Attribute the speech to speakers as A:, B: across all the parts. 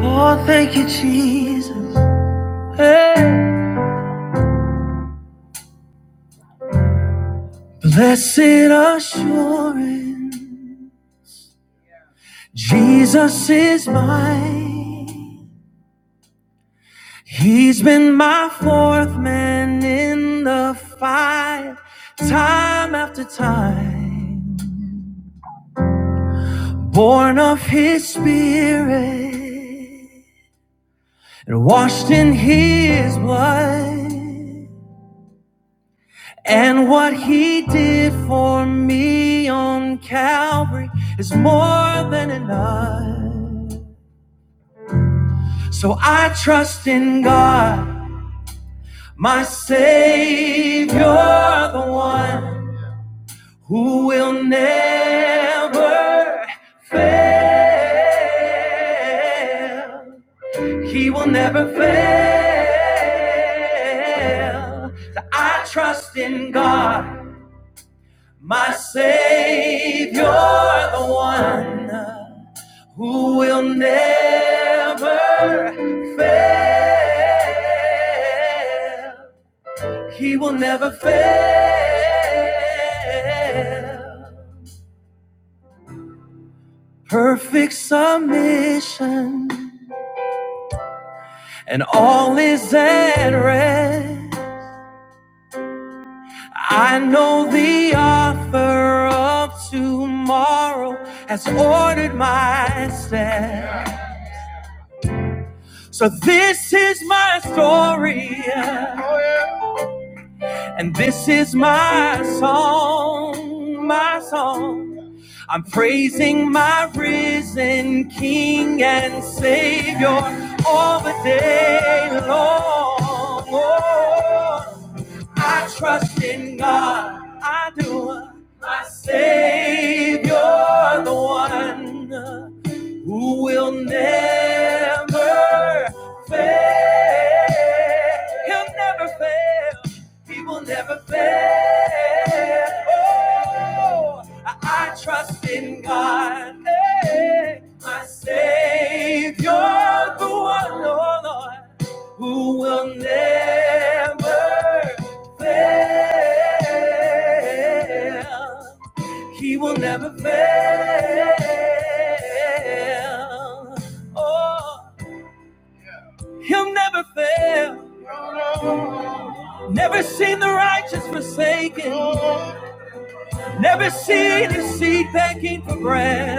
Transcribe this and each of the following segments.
A: Oh, thank you, Jesus. Hey. Blessed assurance, Jesus is mine. He's been my fourth man in the fight, time after time. Born of His Spirit and washed in His blood. And what he did for me on Calvary is more than enough. So I trust in God, my Savior, the one who will never fail. He will never fail. So I trust in God. My Savior, the one who will never fail. He will never fail. Perfect submission, and all is at rest. I know the author of tomorrow has ordered my steps. So this is my story, and this is my song, my song. I'm praising my risen King and Savior all the day long. Oh, I trust in God, I do, my Savior, the one who will never fail. He'll never fail. He will never fail. Oh, I, I trust in God, hey, my Savior, the one, oh Lord, who will never fail. He will never fail. Oh, he'll never fail. Never seen the righteous forsaken. Never seen his seed begging for bread.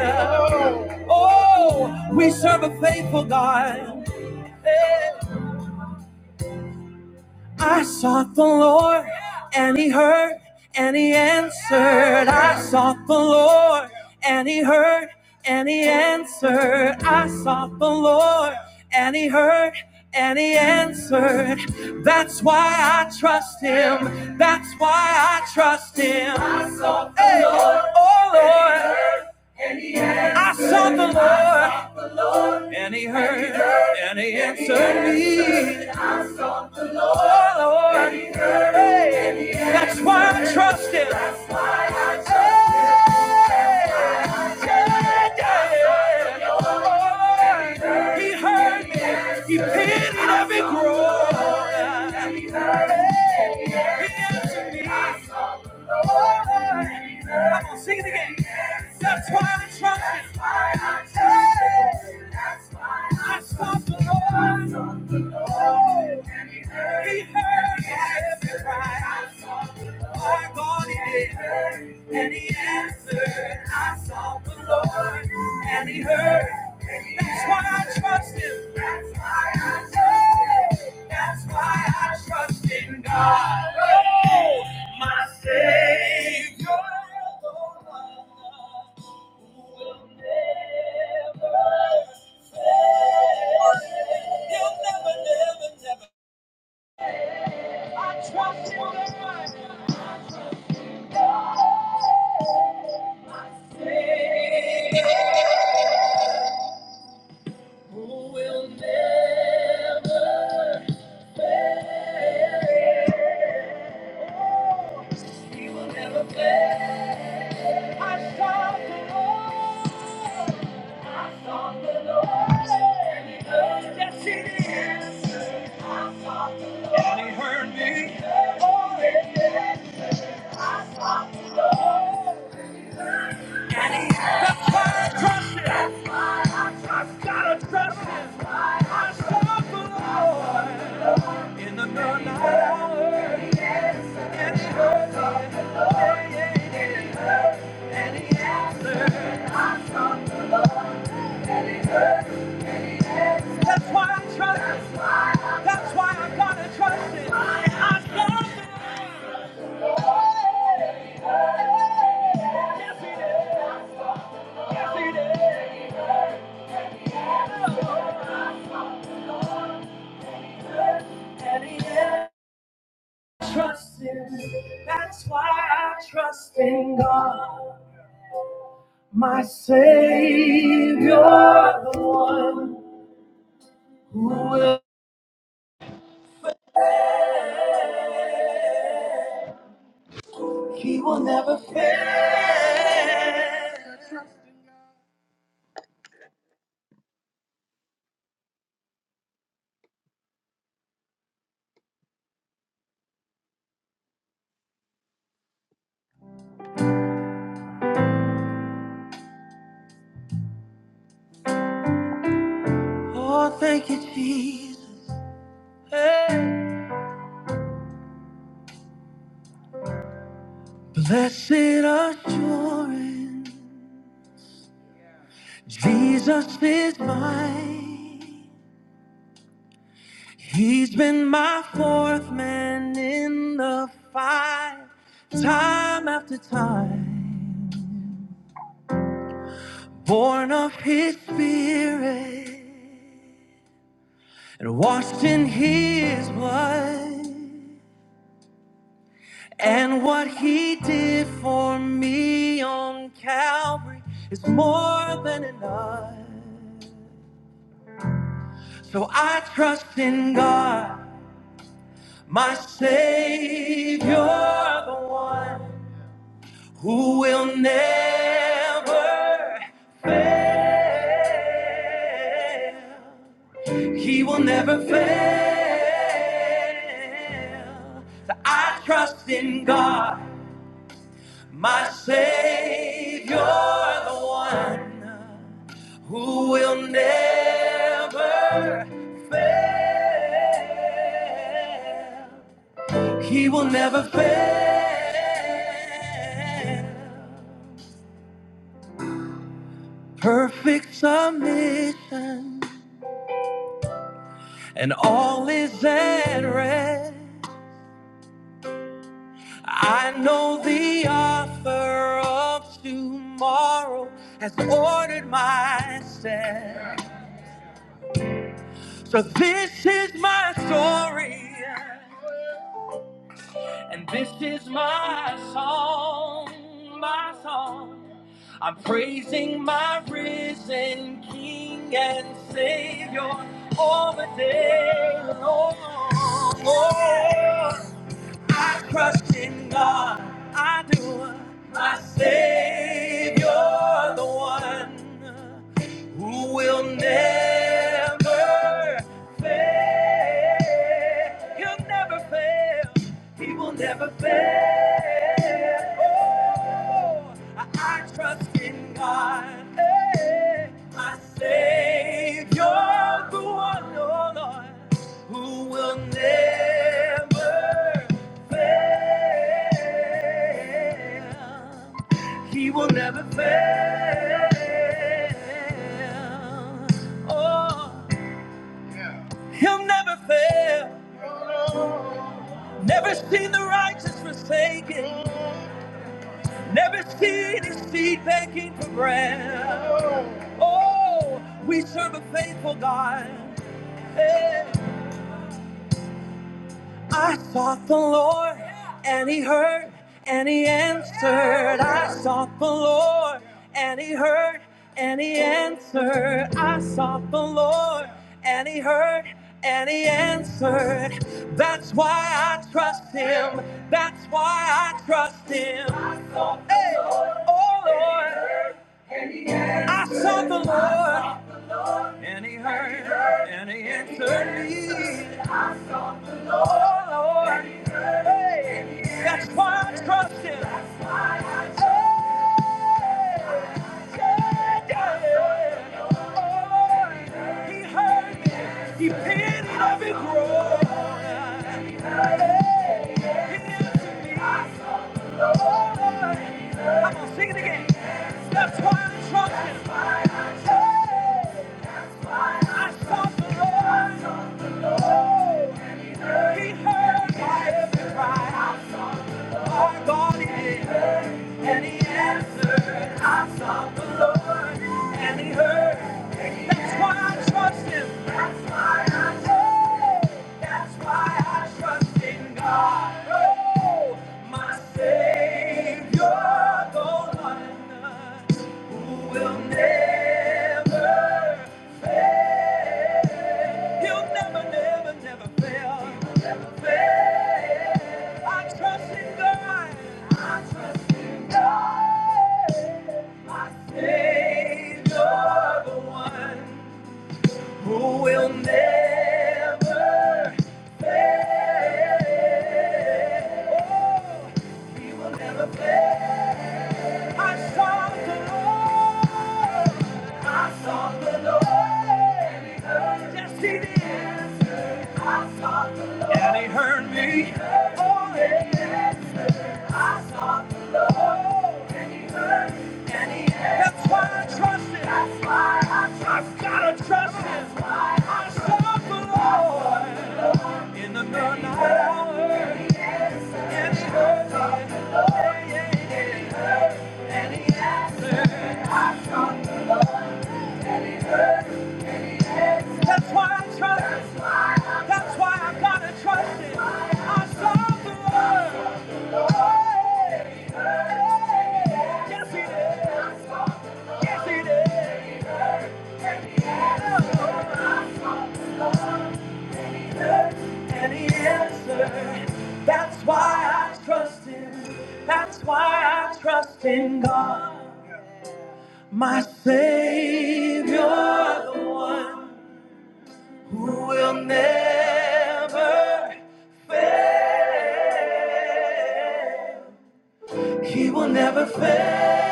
A: Oh, we serve a faithful God. Hey. I sought the Lord and he heard and he answered. I sought the Lord and he heard and he answered. I sought the Lord and he heard and he answered. That's why I trust him. That's why I trust him. Hey, oh Lord, I sought the Lord and he heard and he answered me. Oh, Lord. Hey, That's why I trust him. That's why I trust him. Hey, yeah, yeah. Oh, He heard me. He pitied every groan. Sing it again. That's why I trust That's why I trust him. That's why I sought the Lord. I sought the Lord. And he heard. He heard every cry. I God, he and he answered. I saw the Lord and he heard. That's why I trust him. That's why I trust him. That's why I trust in God. Oh, my Savior. Never, never. I trust in God. My Savior. Who will never fail? He will never fail. I sought the Lord. I sought the Lord. And he heard. Yes, he did. I sought the Lord. And he heard. Oh, yes. I sought the Lord. and He heard. I've got to trust him. I trust the Lord in the midnight hour. And he heard me. Yeah, yeah, yeah. And he answered. That's why I trust him. That's why I got to trust him. I trust him. And he answered. Trust him. That's why I trust in God. My Savior, the one who will, he will never fail. Oh, thank you, Jesus. Hey. Blessed assurance, Jesus is mine. He's been my fourth man in the fight, time after time. Born of his spirit and washed in his blood. And what he did for me on Calvary is more than enough. So I trust in God, my Savior, the one who will never fail. He will never fail. So I trust in God. My Savior, the one who will never fail. He will never fail. Perfect submission, and all is at rest. I know the author of tomorrow has ordered my steps. So this is my story, and this is my song, my song. I'm praising my risen King and Savior all the day long. Oh, I trust in God, I do, my Savior, the one who will never fail. He'll never fail. He will never fail. Oh, I, I trust in God, hey, my Savior, the one, oh Lord, who will never fail. He will never fail. Oh, he'll never fail. Never seen the righteous forsaken. Never seen his seed begging for bread. Oh, we serve a faithful God. Hey. I sought the Lord, and He heard, and He answered. I sought the Lord, and He heard, and He answered. I sought the Lord, and He heard, and He answered. That's why I trust Him. That's why I trust Him. Hey, oh Lord, I sought the Lord, and He heard, and He answered me. Oh Lord, hey, that's why I trust Him. Hey, yeah, yeah. Oh Lord, He heard me. He pitied every groan. He hears me. I talk to the Lord. I'm gonna sing it again. That's why I'm trusting. That's why I talk to the Lord. He heard my every cry. And he answered, I sought the Lord, and he heard. That's why I trust him. That's why I trust him. That's why I trust in God. Oh, my Savior, the one who will never fail. He'll never, never, never fail. He'll never fail. I trust in God. I trust in God, my Savior, the one who will never fail. He will never fail. I saw the Lord. I saw the Lord. Yes, He did. I saw the Lord. And He heard me. Oh, yeah. That's why I trust him. That's why I trust Him. I've gotta trust him. That's why I I the Lord in the midnight hour. And he heard me. And he answered. That's why I trust him. That's why I gotta trust him. I serve the Lord. Yes, he did. Yes, he did. any answer. That's why I trust him. That's why I trust in God. My Savior, the one who will never fail. He will never fail.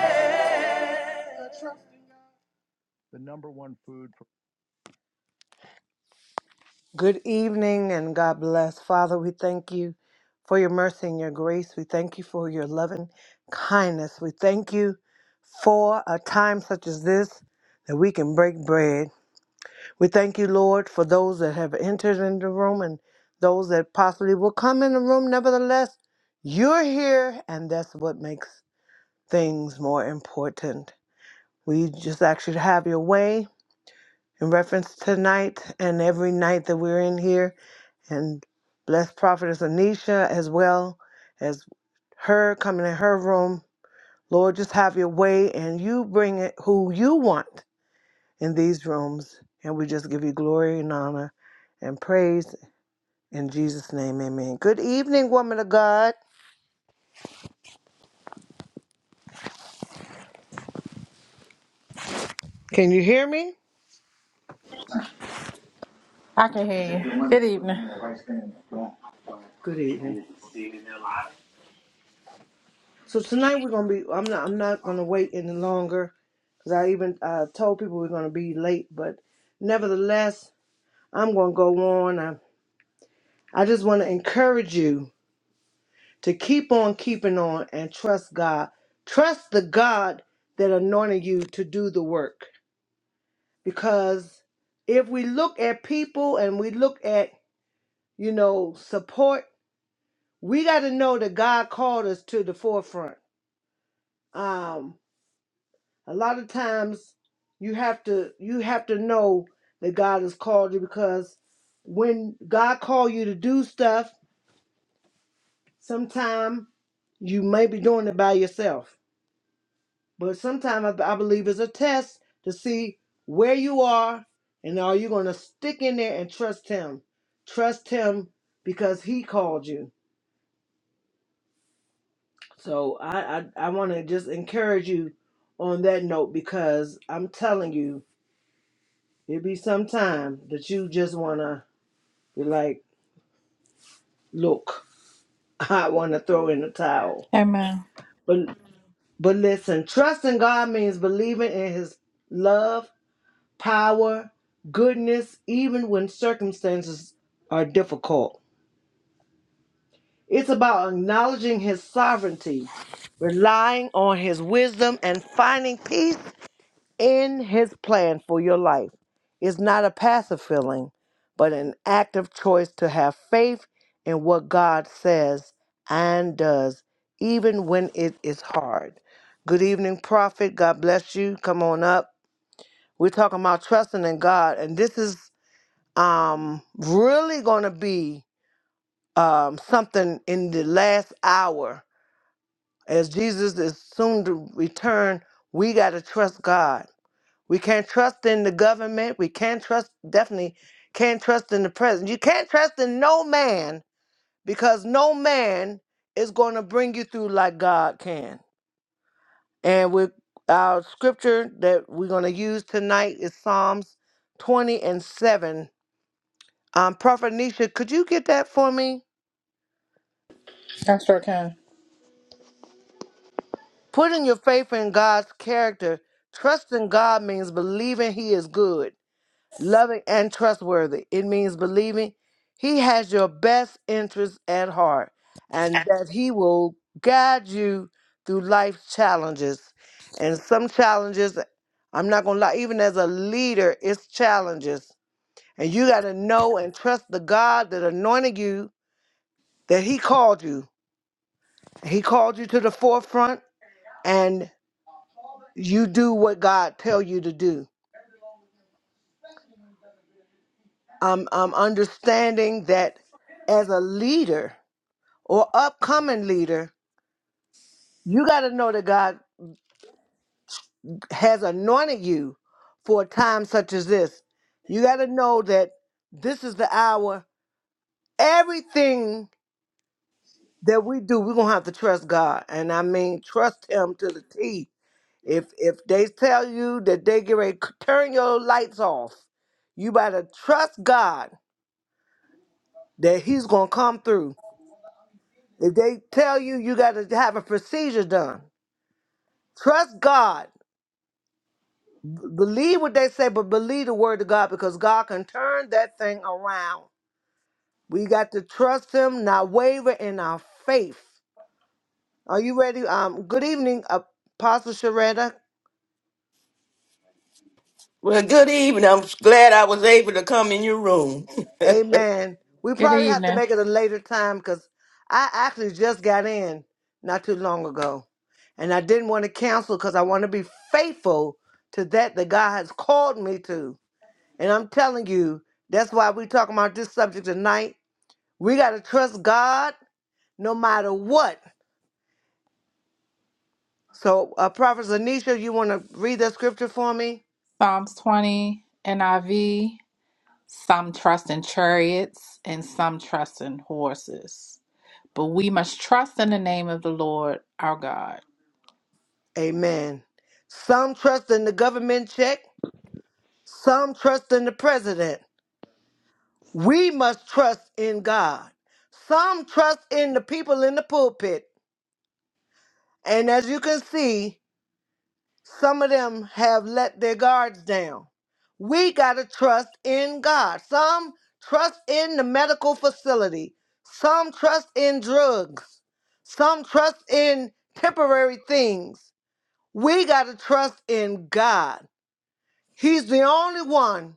A: Good evening and God bless. Father, we thank you for your mercy and your grace. We thank you for your loving kindness. We thank you for a time such as this that we can break bread. We thank you, Lord, for those that have entered in the room and those that possibly will come in the room. Nevertheless, you're here, and that's what makes things more important. We just ask you to have your way in reference to tonight and every night that we're in here. And bless Prophetess Anisha as well as her coming in her room. Lord, just have your way and you bring it who you want in these rooms. And we just give you glory and honor and praise in Jesus' name. Amen. Good evening, woman of God. Can you hear me?
B: I can hear you. Good evening.
A: Good evening. So tonight we're gonna be. I'm not. I'm not gonna wait any longer because I even uh, told people we're gonna be late. But nevertheless, I'm gonna go on. I, I just want to encourage you to keep on keeping on and trust God. Trust the God that anointed you to do the work. because if we look at people and we look at you know support we got to know that god called us to the forefront um a lot of times you have to you have to know that god has called you because when god called you to do stuff sometime you may be doing it by yourself But sometimes I, I believe it's a test to see where you are and are you going to stick in there and trust Him? Trust Him because He called you. So I, I, I want to just encourage you on that note because I'm telling you, it be some time that you just want to be like, look, I want to throw in the towel.
B: Amen.
A: But, but listen, trusting God means believing in His love power, goodness, even when circumstances are difficult. It's about acknowledging His sovereignty, relying on His wisdom, and finding peace in His plan for your life. It's not a passive feeling, but an active choice to have faith in what God says and does, even when it is hard. Good evening, Prophet. God bless you. Come on up. We're talking about trusting in God, and this is um, really going to be um, something in the last hour. As Jesus is soon to return, we got to trust God. We can't trust in the government. We can't trust, definitely can't trust in the president. You can't trust in no man because no man is going to bring you through like God can. And with our scripture that we're going to use tonight is Psalms 20 and 7. Um, Prophet Nisha, could you get that for me?
B: Pastor Ken.
A: Putting your faith in God's character, trusting God means believing He is good, loving, and trustworthy. It means believing He has your best interests at heart and that He will guide you through life's challenges. And some challenges, I'm not going to lie, even as a leader, it's challenges. And you got to know and trust the God that anointed you, that He called you. He called you to the forefront. And you do what God tell you to do. I'm I'm understanding that as a leader or upcoming leader, you got to know that God has anointed you for a time such as this. You got to know that this is the hour. Everything that we do, we're gonna have to trust God, and I mean trust Him to the T. If if they tell you that they get ready to turn your lights off, you better trust God that He's gonna come through If they tell you you got to have a procedure done, trust God. B- believe what they say, but believe the word of God because God can turn that thing around. We got to trust Him, not waver in our faith. Are you ready? Um, good evening, Apostle Sharetta.
C: Well, good evening. I'm glad I was able to come in your room.
A: Amen. We
B: Good
A: probably have to
B: evening.
A: make it a later time because I actually just got in not too long ago, and I didn't want to cancel because I want to be faithful to that that God has called me to. And I'm telling you, that's why we're talking about this subject tonight. We got to trust God no matter what. So, uh, Prophet Zanisha, you want to read that scripture for me?
B: Psalms 20, NIV. Some trust in chariots and some trust in horses. But we must trust in the name of the Lord our God.
A: Amen. Some trust in the government check, some trust in the president. We must trust in God. Some trust in the people in the pulpit. And as you can see, Some of them have let their guards down. We got to trust in God. Some trust in the medical facility, some trust in drugs, some trust in temporary things. We got to trust in God. He's the only one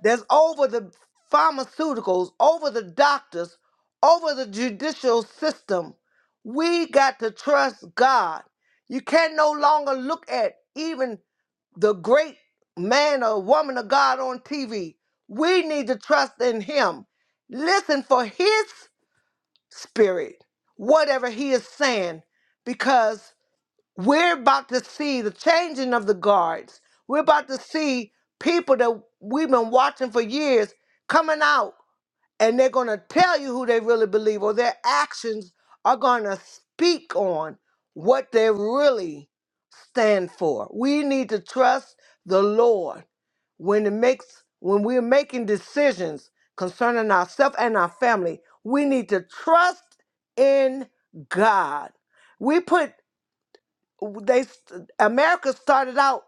A: that's over the pharmaceuticals, over the doctors, over the judicial system. We got to trust God. You can no longer look at even the great man or woman of God on TV. We need to trust in him. Listen for his spirit, whatever he is saying, because we're about to see the changing of the guards. We're about to see people that we've been watching for years coming out and they're going to tell you who they really believe or their actions are going to speak on what they really stand for. We need to trust the Lord when it makes when we're making decisions concerning ourselves and our family. We need to trust in God. We put they America started out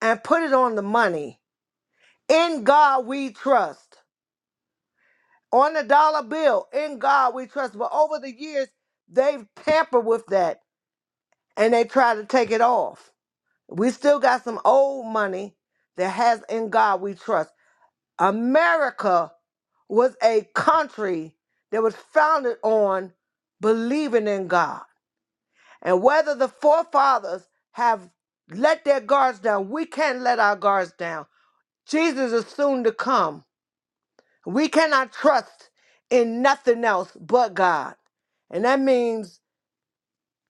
A: and put it on the money. In God we trust. On the dollar bill, in God we trust. But over the years, they've tampered with that and they try to take it off. We still got some old money that has in God we trust. America was a country that was founded on believing in God. And whether the forefathers have let their guards down, we can't let our guards down. Jesus is soon to come. We cannot trust in nothing else but God. And that means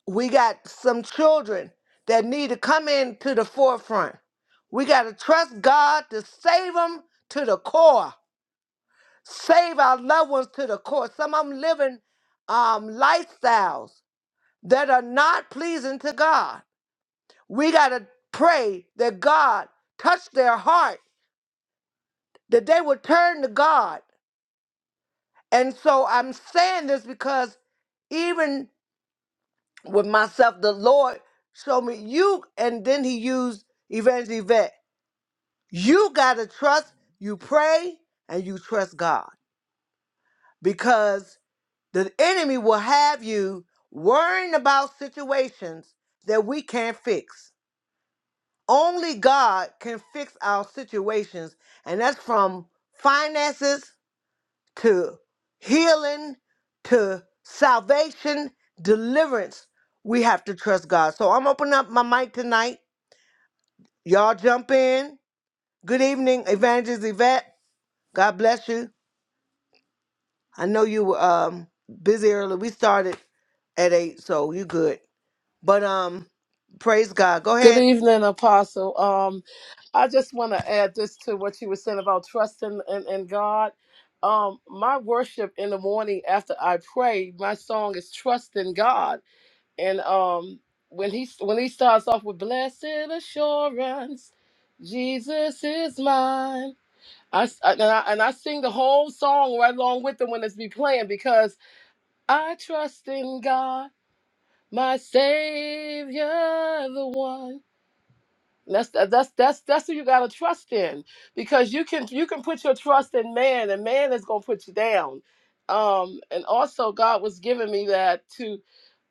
A: we got some children that need to come into the forefront. We got to trust God to save them to the core, save our loved ones to the core. Some of them living um, lifestyles that are not pleasing to God. We got to pray that God touch their heart, that they would turn to God. And so I'm saying this because even with myself, the Lord showed me you, and then he used Evangeline Yvette. You gotta trust, you pray, and you trust God. Because the enemy will have you worrying about situations that we can't fix. Only God can fix our situations, and that's from finances to healing to salvation, deliverance. We have to trust God. So I'm opening up my mic tonight Y'all jump in. Good evening, Evangelist Yvette. God bless you. I know you were um busy early. We started at eight, so you good. But um, praise God. Go
D: Good
A: ahead.
D: evening, Apostle. Um, I just want to add this to what you were saying about trusting in, in God. Um, my worship in the morning after I pray, my song is "Trust in God." And um, when he when he starts off with "Blessed assurance, Jesus is mine," I, s- and I and I sing the whole song right along with them when it's be playing because I trust in God, my Savior, the one. That's that's that's that's who you gotta trust in because you can you can put your trust in man and man is gonna put you down. Um, and also God was giving me that to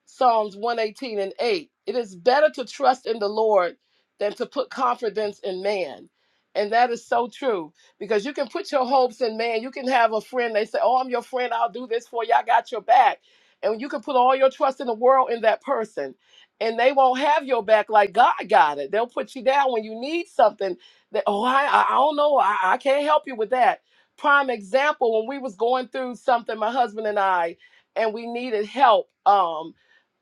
D: Psalms 118 and 8. It is better to trust in the Lord than to put confidence in man. And that is so true because you can put your hopes in man. You can have a friend, they say, Oh, I'm your friend. I'll do this for you. I got your back. And you can put all your trust in the world in that person. And they won't have your back like God got it. They'll put you down when you need something that, oh, I, I I don't know. I, I can't help you with that. Prime example, when we was going through something, my husband and I, and we needed help. Um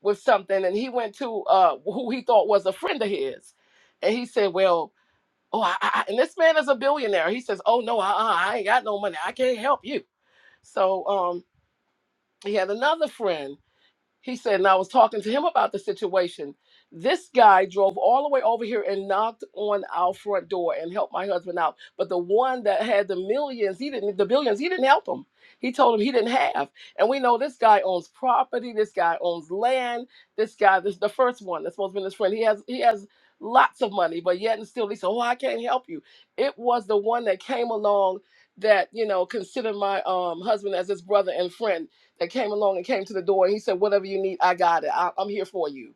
D: with something and he went to uh who he thought was a friend of his and he said well oh I, I, I-" and this man is a billionaire he says oh no uh-uh, i ain't got no money i can't help you so um he had another friend he said, and I was talking to him about the situation. This guy drove all the way over here and knocked on our front door and helped my husband out. But the one that had the millions, he didn't, the billions, he didn't help him. He told him he didn't have. And we know this guy owns property. This guy owns land. This guy, this the first one that's supposed to be his friend. He has, he has lots of money, but yet and still he said, "Oh, I can't help you." It was the one that came along that you know considered my um, husband as his brother and friend that came along and came to the door and he said, Whatever you need, I got it. I, I'm here for you.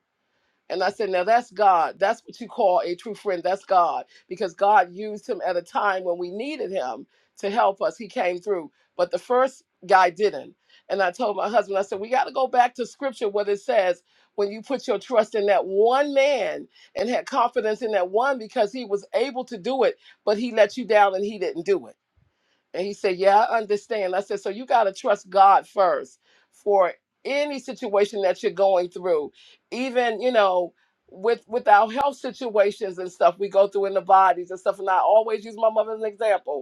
D: And I said, Now that's God. That's what you call a true friend. That's God. Because God used him at a time when we needed him to help us. He came through. But the first guy didn't. And I told my husband, I said, We got to go back to scripture, what it says when you put your trust in that one man and had confidence in that one because he was able to do it, but he let you down and he didn't do it and he said, Yeah, I understand. I said, So you got to trust God first for any situation that you're going through, even, you know, with with our health situations and stuff we go through in the bodies and stuff. And I always use my mother as an example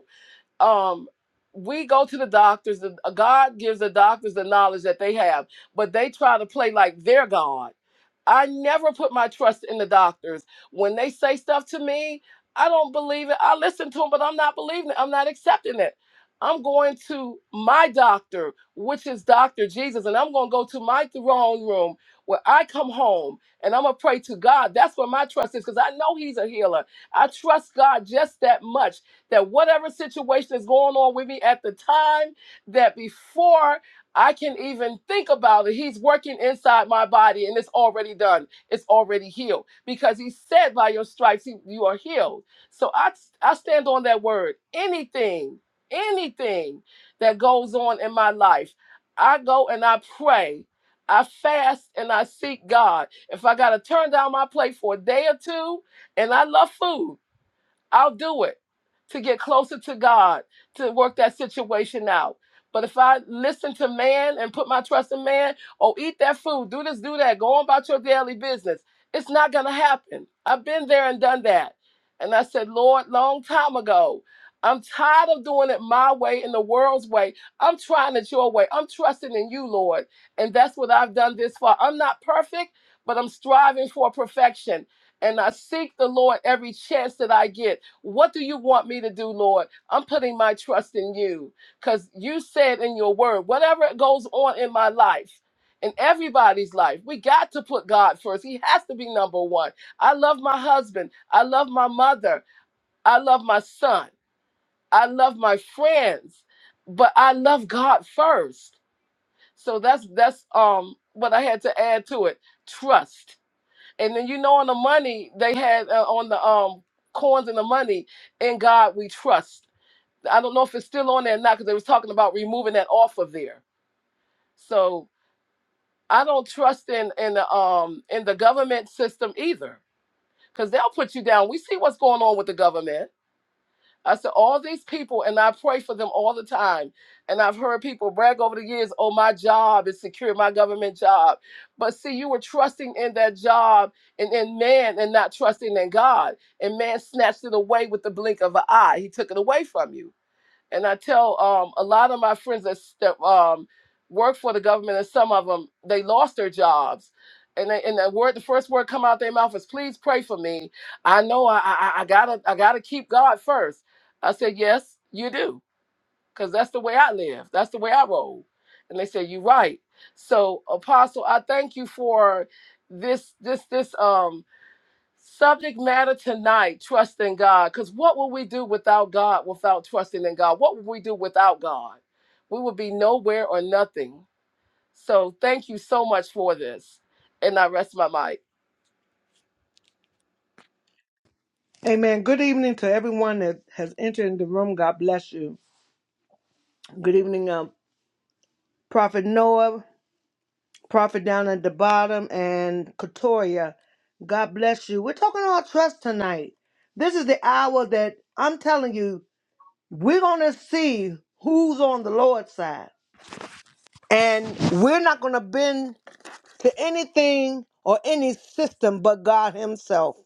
D: um we go to the doctors the, god gives the doctors the knowledge that they have but they try to play like they're god i never put my trust in the doctors when they say stuff to me i don't believe it i listen to them but i'm not believing it i'm not accepting it i'm going to my doctor which is dr jesus and i'm going to go to my throne room where i come home and i'm going to pray to god that's where my trust is because i know he's a healer i trust god just that much that whatever situation is going on with me at the time, that before I can even think about it, he's working inside my body and it's already done. It's already healed because he said, by your stripes, he- you are healed. So I, I stand on that word. Anything, anything that goes on in my life, I go and I pray. I fast and I seek God. If I got to turn down my plate for a day or two, and I love food, I'll do it to get closer to God, to work that situation out. But if I listen to man and put my trust in man, oh, eat that food, do this, do that, go on about your daily business, it's not going to happen. I've been there and done that. And I said, Lord, long time ago, I'm tired of doing it my way in the world's way. I'm trying it your way. I'm trusting in you, Lord. And that's what I've done this far. I'm not perfect, but I'm striving for perfection. And I seek the Lord every chance that I get. What do you want me to do, Lord? I'm putting my trust in you because you said in your word, whatever goes on in my life, in everybody's life, we got to put God first. He has to be number one. I love my husband. I love my mother. I love my son. I love my friends, but I love God first. So that's that's um what I had to add to it. Trust. And then you know on the money they had uh, on the um coins and the money, in God we trust. I don't know if it's still on there or not because they was talking about removing that off of there. So I don't trust in in the um in the government system either because they'll put you down. We see what's going on with the government I said, all these people, and I pray for them all the time. And I've heard people brag over the years, oh, my job is secure, my government job. But see, you were trusting in that job and in man and not trusting in God. And man snatched it away with the blink of an eye. He took it away from you and I tell um, a lot of my friends that, s- that um, work for the government, and some of them they lost their jobs, and they, and the word the first word come out their mouth is please pray for me. I know I, I I gotta I gotta keep God first. I said yes, you do, because that's the way I live. That's the way I roll. And they said you're right. So Apostle, I thank you for this this this um Subject matter tonight, trust in God. Because what would we do without God, without trusting in God? What would we do without God? We would be nowhere or nothing. So thank you so much for this. And I rest my mic.
A: Amen. Good evening to everyone that has entered the room. God bless you. Good evening, um, Prophet Noah, Prophet down at the bottom, and Katoria. God bless you. We're talking about trust tonight. This is the hour that I'm telling you, we're going to see who's on the Lord's side. And we're not going to bend to anything or any system but God Himself.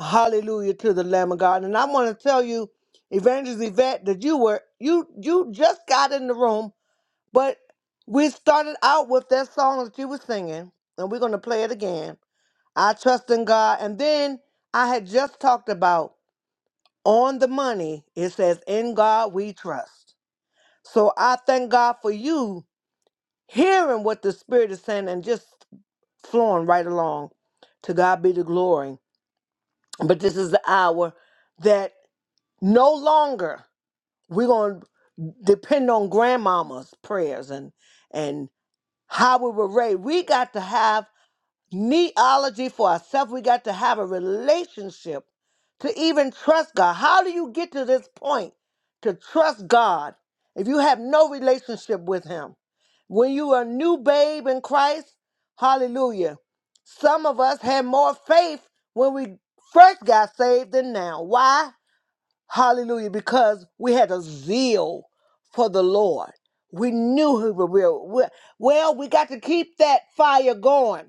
A: Hallelujah to the Lamb of God. And I want to tell you, Evangelist Yvette, that you were you you just got in the room, but we started out with that song that you were singing, and we're going to play it again. I trust in God. And then I had just talked about on the money. It says, "In God we trust." So I thank God for you hearing what the Spirit is saying and just flowing right along. To God be the glory. But this is the hour that no longer we're going to depend on grandmama's prayers and and how we were raised. We got to have neology for ourselves. We got to have a relationship to even trust God. How do you get to this point to trust God if you have no relationship with Him? When you are a new babe in Christ, hallelujah. Some of us had more faith when we first got saved than now. Why? Hallelujah. Because we had a zeal for the Lord. We knew who we were. Well, we got to keep that fire going.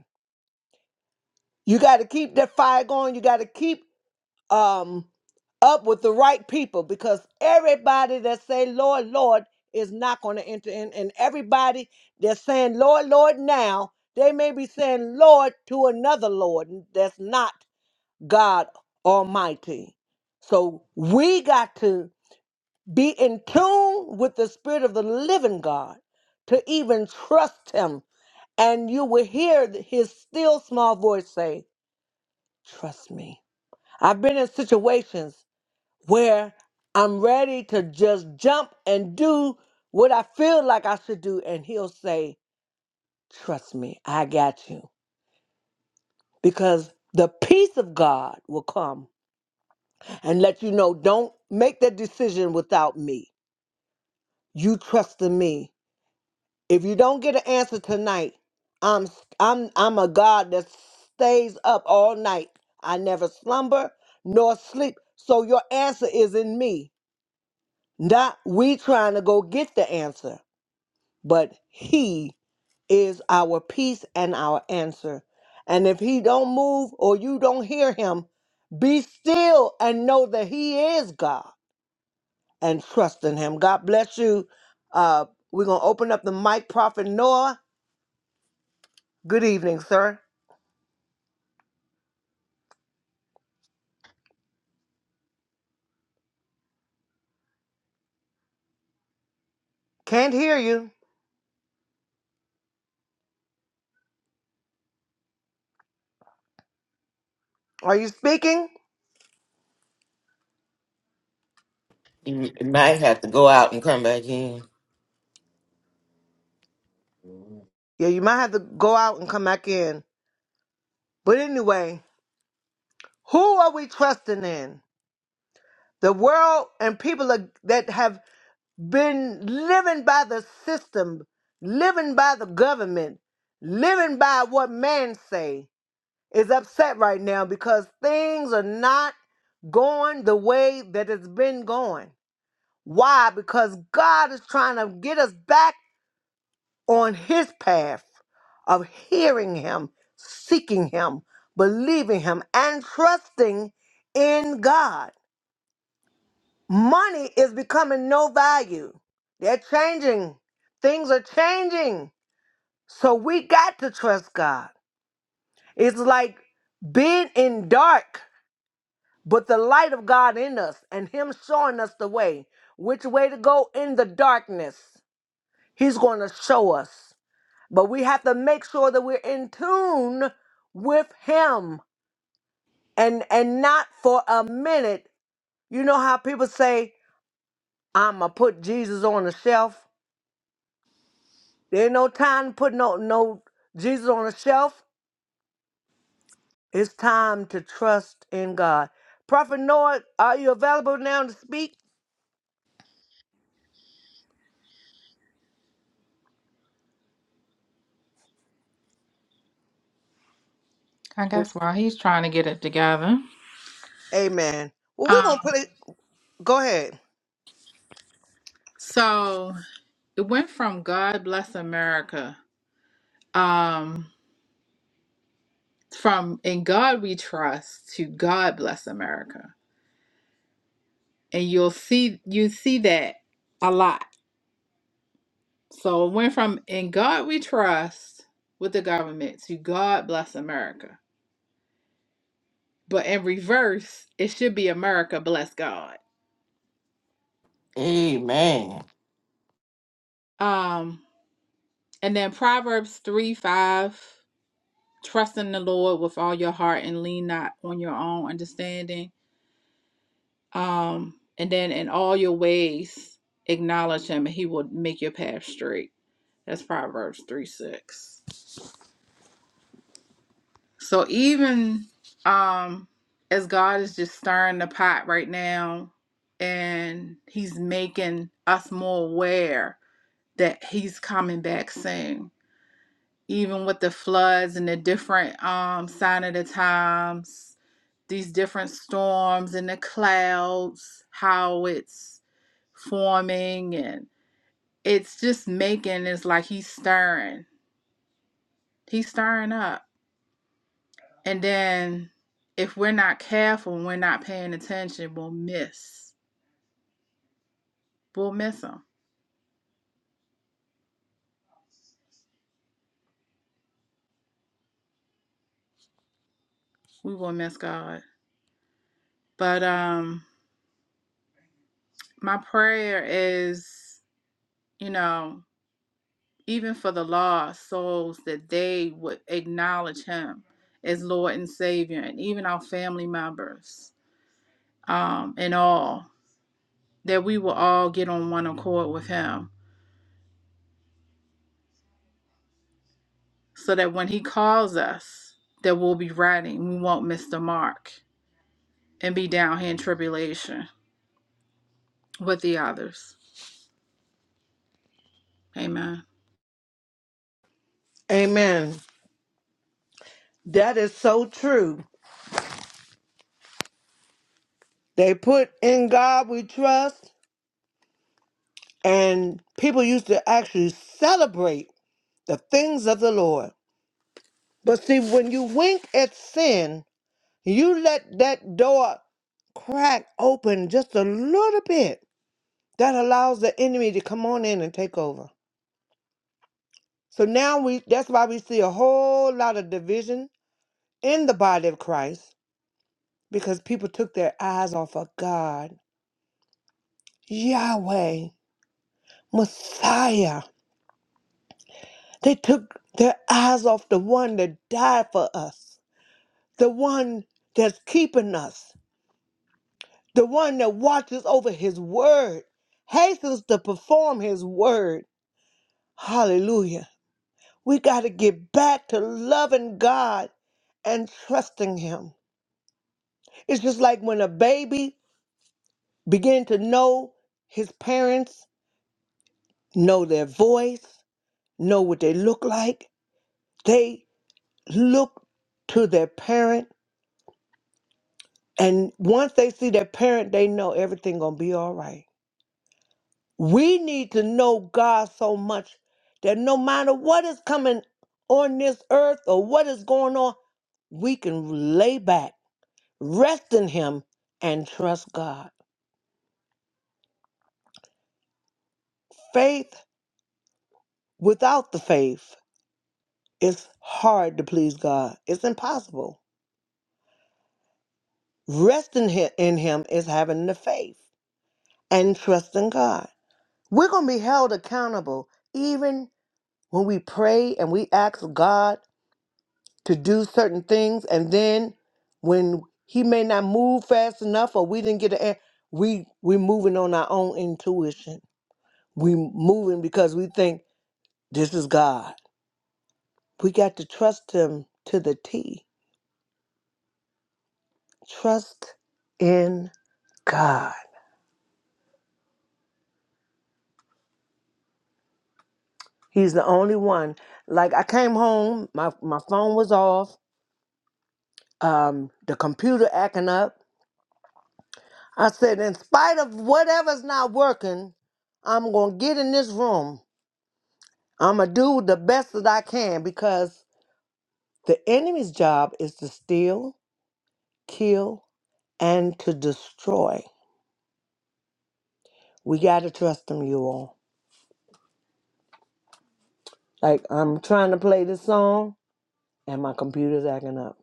A: You got to keep that fire going. You got to keep um up with the right people because everybody that say Lord, Lord is not going to enter in, and everybody that's saying Lord, Lord now, they may be saying Lord to another Lord that's not God Almighty. So we got to be in tune with the Spirit of the Living God to even trust Him, and you will hear His still small voice say, "Trust me." I've been in situations where I'm ready to just jump and do what I feel like I should do. And he'll say, Trust me, I got you. Because the peace of God will come and let you know don't make that decision without me. You trust in me. If you don't get an answer tonight, I'm I'm I'm a God that stays up all night. I never slumber nor sleep. So your answer is in me. Not we trying to go get the answer, but he is our peace and our answer. And if he don't move or you don't hear him, be still and know that he is God and trust in him. God bless you. Uh, we're going to open up the mic, Prophet Noah. Good evening, sir. Can't hear you. Are you speaking?
C: You might have to go out and come back in.
A: Yeah, you might have to go out and come back in. But anyway, who are we trusting in? The world and people are- that have been living by the system, living by the government, living by what man say is upset right now because things are not going the way that it's been going. Why? Because God is trying to get us back on his path of hearing him, seeking him, believing him and trusting in God. Money is becoming no value. They're changing. Things are changing. So we got to trust God. It's like being in dark, but the light of God in us and Him showing us the way, which way to go in the darkness. He's going to show us. But we have to make sure that we're in tune with Him and and not for a minute. You know how people say, "I'm gonna put Jesus on the shelf." There ain't no time to put no no Jesus on a shelf. It's time to trust in God. Prophet Noah, are you available now to speak?
B: I guess while he's trying to get it together.
A: Amen. Well, we're
B: Um,
A: gonna put it. Go ahead.
B: so it went from God bless America. Um, from in God we trust to God bless America. And you'll see you see that a lot So it went from in God we trust with the government to God bless America. But in reverse, it should be America bless God.
C: Amen.
B: Um, and then Proverbs 3 5, trust in the Lord with all your heart and lean not on your own understanding. Um, and then in all your ways, acknowledge him and he will make your path straight. That's Proverbs 3 6. So even um as God is just stirring the pot right now and he's making us more aware that he's coming back soon. Even with the floods and the different um sign of the times, these different storms and the clouds, how it's forming and it's just making it's like he's stirring. He's stirring up. And then if we're not careful and we're not paying attention, we'll miss. We'll miss him. We will miss God. But um my prayer is, you know, even for the lost souls that they would acknowledge him as Lord and Savior and even our family members um and all that we will all get on one accord with him so that when he calls us that we'll be ready and we won't miss the mark and be down here in tribulation with the others. Amen.
A: Amen. That is so true. They put in God we trust, and people used to actually celebrate the things of the Lord. But see, when you wink at sin, you let that door crack open just a little bit That allows the enemy to come on in and take over. So now we that's why we see a whole lot of division in the body of Christ because people took their eyes off of God, Yahweh, Messiah. They took their eyes off the one that died for us, the one that's keeping us, the one that watches over his word, hastens to perform his word. Hallelujah. We got to get back to loving God and trusting Him. It's just like when a baby begin to know his parents, know their voice, know what they look like. They look to their parent, and once they see their parent, they know everything gonna be all right. We need to know God so much that no matter what is coming on this earth or what is going on, we can lay back Rest in Him and trust God. Faith without the faith is hard to please God, it's impossible. Resting hi- in Him is having the faith and trusting God. We're going to be held accountable even when we pray and we ask God to do certain things, and then when He may not move fast enough or we didn't get an answer. We we moving on our own intuition. We moving because we think this is God. We got to trust Him to the T. Trust in God. He's the only one. Like I came home, my my phone was off, um, the computer acting up. I said, in spite of whatever's not working, I'm gonna get in this room. I'm gonna do the best that I can because the enemy's job is to steal, kill, and to destroy. We gotta trust him, you all. Like I'm trying to play this song. and my computer's acting up.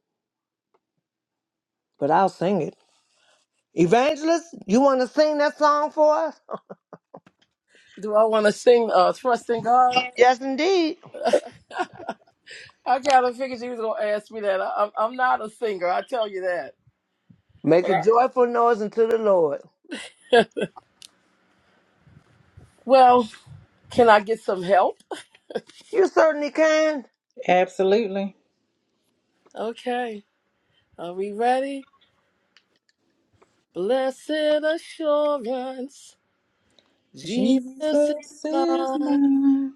A: But I'll sing it. Evangelist, you want to sing that song for us?
D: Do I want to sing uh, Trust in God?
A: Yes, indeed.
D: I kind of figured you was going to ask me that. I, I'm, I'm not a singer, I tell you that.
A: Make
D: But
A: a
D: I,
A: joyful noise unto the Lord.
D: well, can I get some help?
A: You certainly can.
B: Absolutely.
D: Okay, are we ready? Blessed assurance, Jesus
B: Jesus
D: is
B: is
D: mine.
B: mine,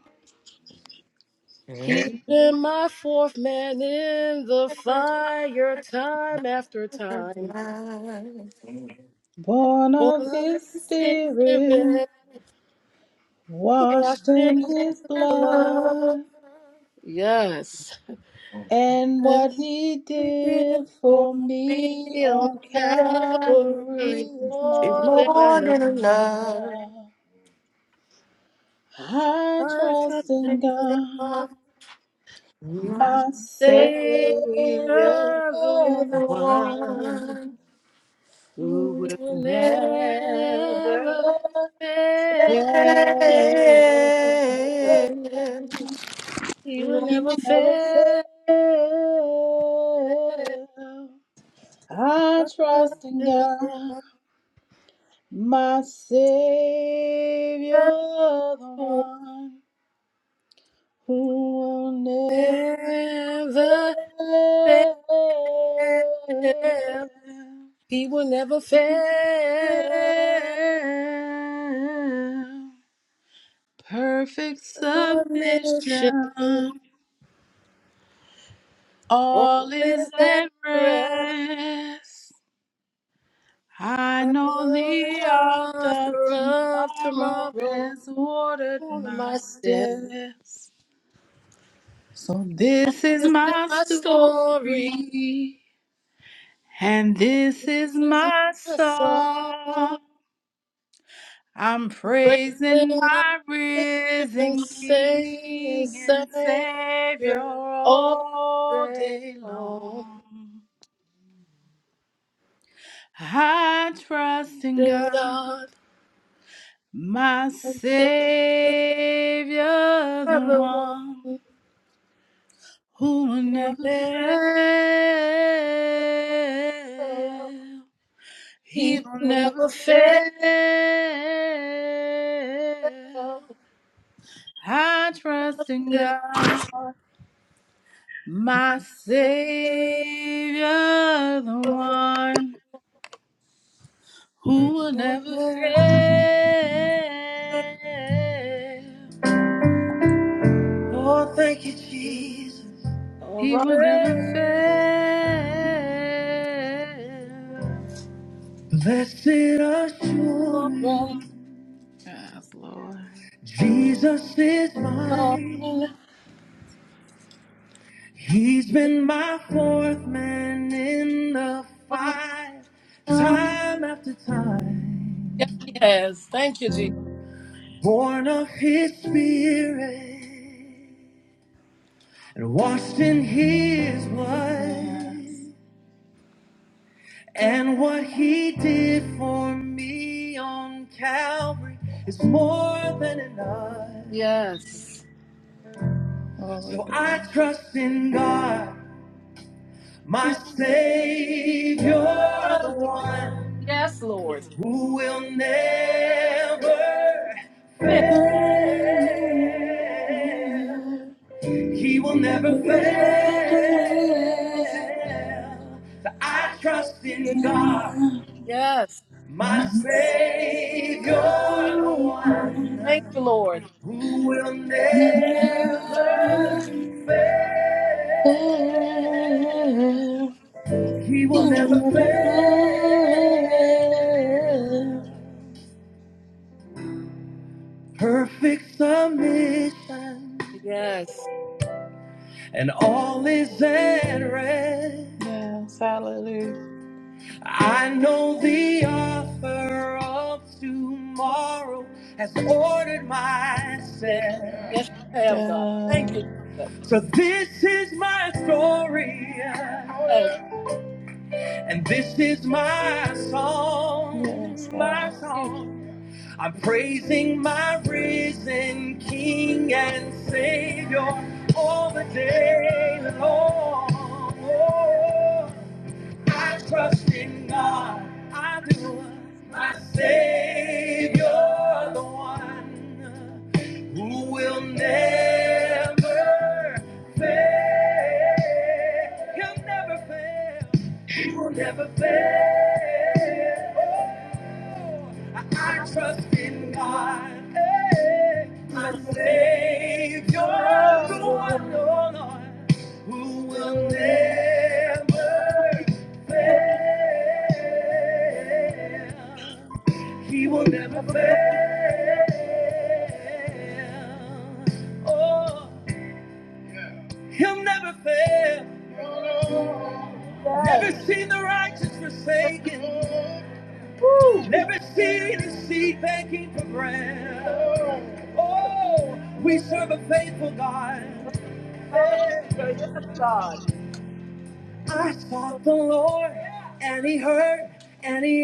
D: He's
C: It's
D: been my fourth man in the fire time after time.
B: born
D: Born
B: of
D: of
B: his
D: his
B: spirit,
D: spirit, washed
B: washed
D: in
B: in
D: his
B: his
D: blood.
B: blood,
D: Yes.
B: and
D: And
B: what he
D: he did it
B: did
D: for
B: for
D: me
B: me
D: on
B: on
D: Calvary is
B: Calvary is more
D: more than
C: more
D: enough.
C: than
B: than
C: enough.
B: enough. I
D: I
B: trust
D: trust in
B: in God,
D: God, my
B: my Savior,
D: Savior, the
B: the one.
D: He will never fail.
B: He
D: He will never
B: will never fail.
D: fail.
B: I
D: Us
B: trust in
D: to
B: God,
D: love.
B: my Savior, the
D: He will
B: one who will never
D: Never
B: fail.
D: fail. He will never
B: He will never
D: fail.
B: fail. Perfect
D: Submission
B: submission, all is
D: always that
B: at
D: prayer.
B: rest. I
D: I
B: know
D: know
B: the opt of
D: The author of
B: tomorrow
D: tomorrow.
B: has ordered
D: One of
B: my
D: my
B: steps. So this is
D: This is
B: my
D: my story.
B: story, and this is
D: This is
B: my
D: my song.
B: song. I'm praising
D: Praising my
B: my
D: Savior and
B: risen
D: singing
B: King and Savior
D: Savior all
B: all
D: day
B: day
D: long.
B: long. I trust in
D: To
B: God,
D: God
B: my
D: and Savior,
B: Savior, the
D: the one
B: one
D: who
B: who will never
D: never fail.
B: fail. He
D: He
B: will
D: will
B: never
D: never
B: fail.
D: fail. Trust
B: I trust in
D: in
B: God.
D: God,
B: My Savior, the
D: the one
B: one who will
D: who
B: never
D: never fail.
B: fail. He
D: Alright,
B: will never fail.
A: Blessed
D: alright,
A: assurance,
B: Yes, Lord.
A: Jesus is
D: alright,
A: mine. He's been my fourth man in the fight,
D: alright.
A: time after time,
D: Yes, he has. Thank you, Jesus.
A: born of his spirit. and washed in his blood.
B: Yes,
A: And what he did for me on Calvary is more than enough.
D: Yes.
B: glory
A: So I
B: there.
A: trust in God, my Savior, the one
D: Yes, Lord.
A: who will never fail. He will never fail. So I trust in God,
D: Yes.
A: my
B: My
A: Savior, the
B: Savior.
D: Thank you,
A: one
D: Lord.
A: who will never
B: Never
A: fail.
B: fail.
A: He will
B: You
A: never
B: never
A: fail.
B: fail.
A: Perfect submission,
D: Yes.
A: and all is at rest.
B: Yes, hallelujah.
A: I know the author of tomorrow has ordered my
D: Yes,
A: set.
D: you have, God. Thank
B: Yeah.
D: you, Jesus.
A: So this is my story,
D: Yes.
A: and this is my song, my song. I'm praising my risen King and Savior all the day long. I trust in God. I do. My Savior, the one who will never fail. He'll never fail. He will never fail. Oh. I trust in God, hey, my
D: My sister's
A: Savior, the
D: the one
A: one, oh Lord, who
D: who
A: will
D: will live
A: never
D: it.
A: fail. He will never fail. Oh, he'll never fail.
D: Yes.
A: Never seen the righteous forsaken.
D: Woo.
A: Never seen a seed begging for bread. Oh, we serve a faithful
D: Yes,
A: God. Hey.
D: hallelujah. Yes, God.
A: I
D: So,
A: sought the Lord, and He heard, and He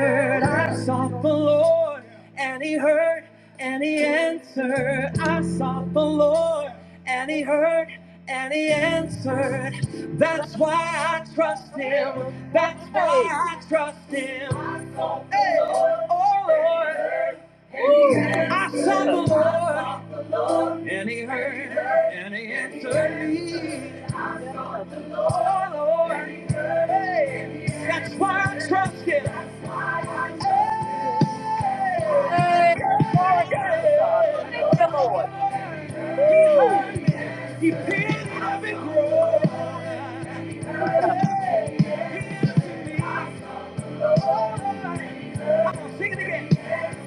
D: so,
A: I sought
D: so,
A: the Lord, and He heard, and He answered. I
D: so,
A: sought the Lord, and He heard, and He
D: so,
A: answered.
D: so,
A: That's why I trust Him. That's why
D: Hey,
A: I trust Him. I sought the Hey. Lord, Oh Lord.
D: woo,
A: I sought
D: Jesus.
A: the Lord, and He heard, and He answered me. Oh Lord, hey, that's why I trust Him.
D: Yes.
A: He heard
D: Hey, glory to God. Thank you, Lord. Woo,
A: me. He picked me up and grow.
D: Jesus.
A: Sing it again.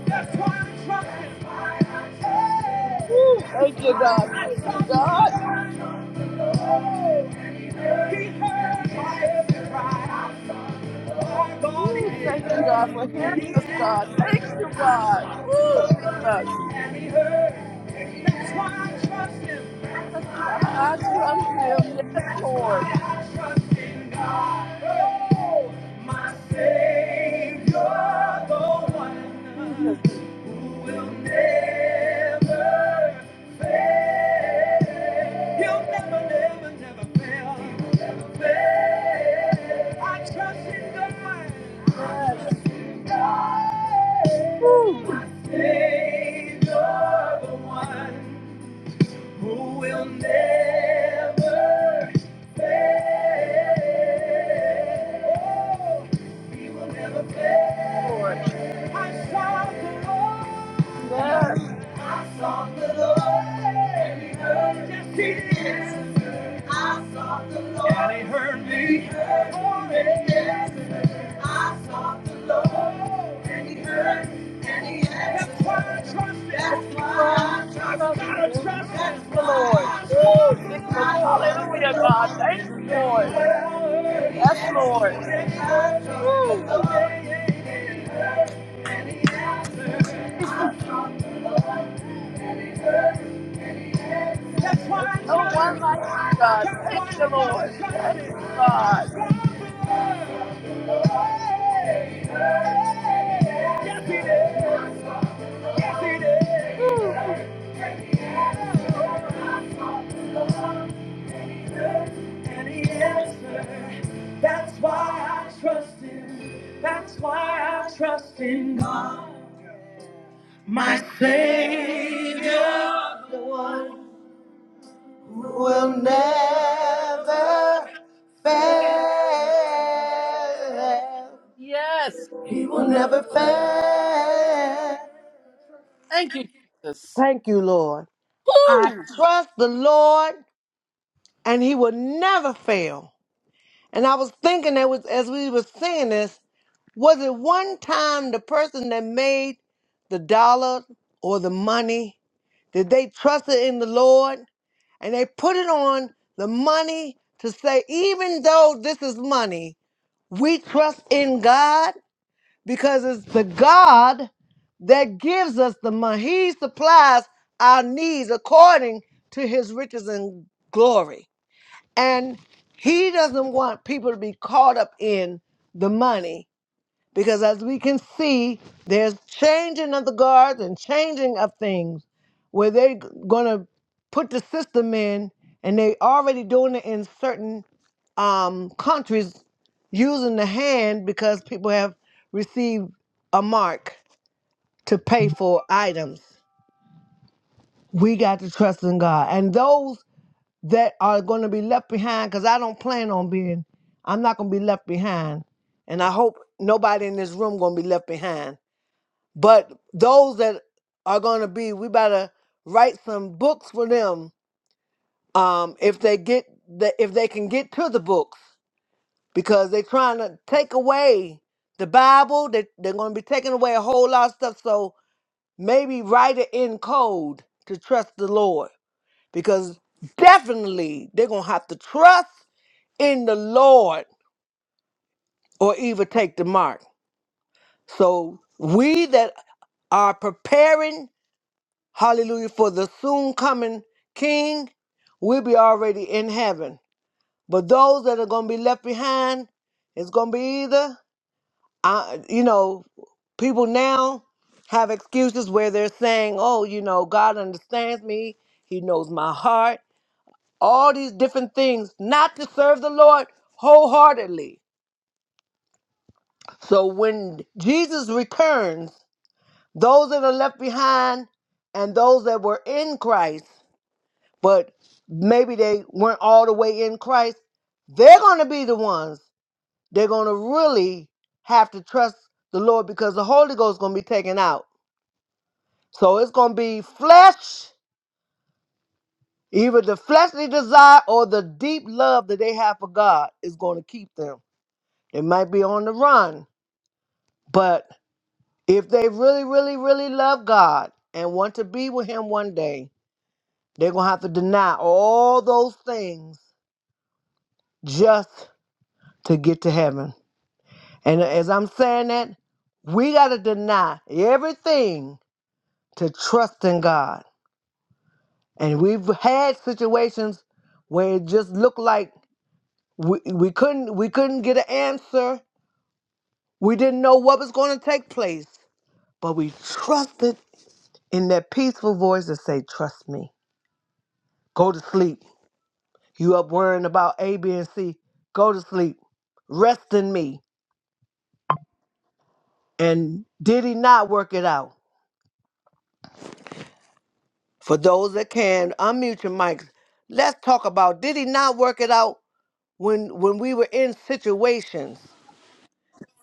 A: That's why I'm trusting. I
D: Woo, thank you,
A: sought
D: God. Thank you,
A: the
D: God.
A: Lord. He heard my every cry. My God,
D: Woo, thank you, God, for
A: he
D: hearing us, God.
A: did.
D: Thank you, God. Woo, Jesus.
A: That's why I trust him. That's
D: That's why
A: why I
D: I
A: trust
D: trust Him. Yes,
A: That's
D: Lord.
A: why I trust in God. Oh, my Savior, the one
D: Jesus,
A: will never, he'll never, never, never fail. I trust in God.
D: yes. Woo,
A: My Savior, the one who will never. Yes,
D: Lord. Yes,
A: I saw the Lord, and He heard me. He heard me. I sought the Lord, and He heard, and He answered. That's why I trust That's
D: why
A: why
D: I
A: I trust Him.
D: trust Him.
A: Gotta trust
D: you, Lord. Woo, Jesus.
A: That's why I trust I sought
D: Hallelujah,
A: the
D: God.
A: Lord,
D: Thank you,
A: and He
D: Lord.
A: heard, and He
D: Yes,
A: answered.
D: Lord.
A: I
D: Woo,
A: trust the Lord, and He heard, and He answered.
D: Jesus.
A: I sought the Lord. That's
D: There's
A: why I
D: no
A: trust
D: one
A: Him. That's
D: like
A: why
D: you, God. Thank you,
A: I
D: Lord.
A: gotta
D: Thank
A: trust Him.
D: you, God.
A: Yes, He did. Yes, He
D: Woo.
A: did. and he answered. That's why I trust him. That's why I trust in God. My Savior will never,
D: Yes.
A: will never fail.
D: Thank you, Jesus.
A: Thank you, Lord. I
D: Woo.
A: trust the Lord, and He will never fail. And I was thinking that was as we were saying this, was it one time the person that made the dollar or the money? that they trusted in the Lord and they put it on the money to say, even though this is money, we trust in God because it's the God that gives us the money. He supplies our needs according to his riches and glory. And he doesn't want people to be caught up in the money because as we can see, there's changing of the guards and changing of things where they're going to put the system in, and they already doing it in certain um, countries using the hand because people have received a mark to pay for items. We got to trust in God. And those that are going to be left behind, because I don't plan on being, I'm not going to be left behind. And I hope nobody in this room going to be left behind but those that are going to be, we better write some books for them. Um, if they get the, if they can get to the books, because they're trying to take away the Bible, they, they're going to be taking away a whole lot of stuff. So maybe write it in code to trust the Lord, because definitely they're going to have to trust in the Lord or even take the mark. So we that are preparing Hallelujah. For the soon coming King will be already in heaven. But those that are going to be left behind, it's going to be either, uh, you know, people now have excuses where they're saying, oh, you know, God understands me, He knows my heart, all these different things, not to serve the Lord wholeheartedly. So when Jesus returns, those that are left behind and those that were in Christ but maybe they weren't all the way in Christ, they're going to be the ones they're going to really have to trust the Lord because the Holy Ghost is going to be taken out. So it's going to be flesh, either the fleshly desire or the deep love that they have for God is going to keep them. They might be on the run, but if they really, really, really love God and want to be with Him one day, they're going to have to deny all those things just to get to heaven. And as I'm saying that, we got to deny everything to trust in God. And we've had situations where it just looked like we, we couldn't we couldn't get an answer. We didn't know what was going to take place, but we trusted in that peaceful voice that say, "Trust me. Go to sleep. You up worrying about A, B, and C? Go to sleep. Rest in me." And did he not work it out? For those that can, unmute your mics. Let's talk about did he not work it out when when we were in situations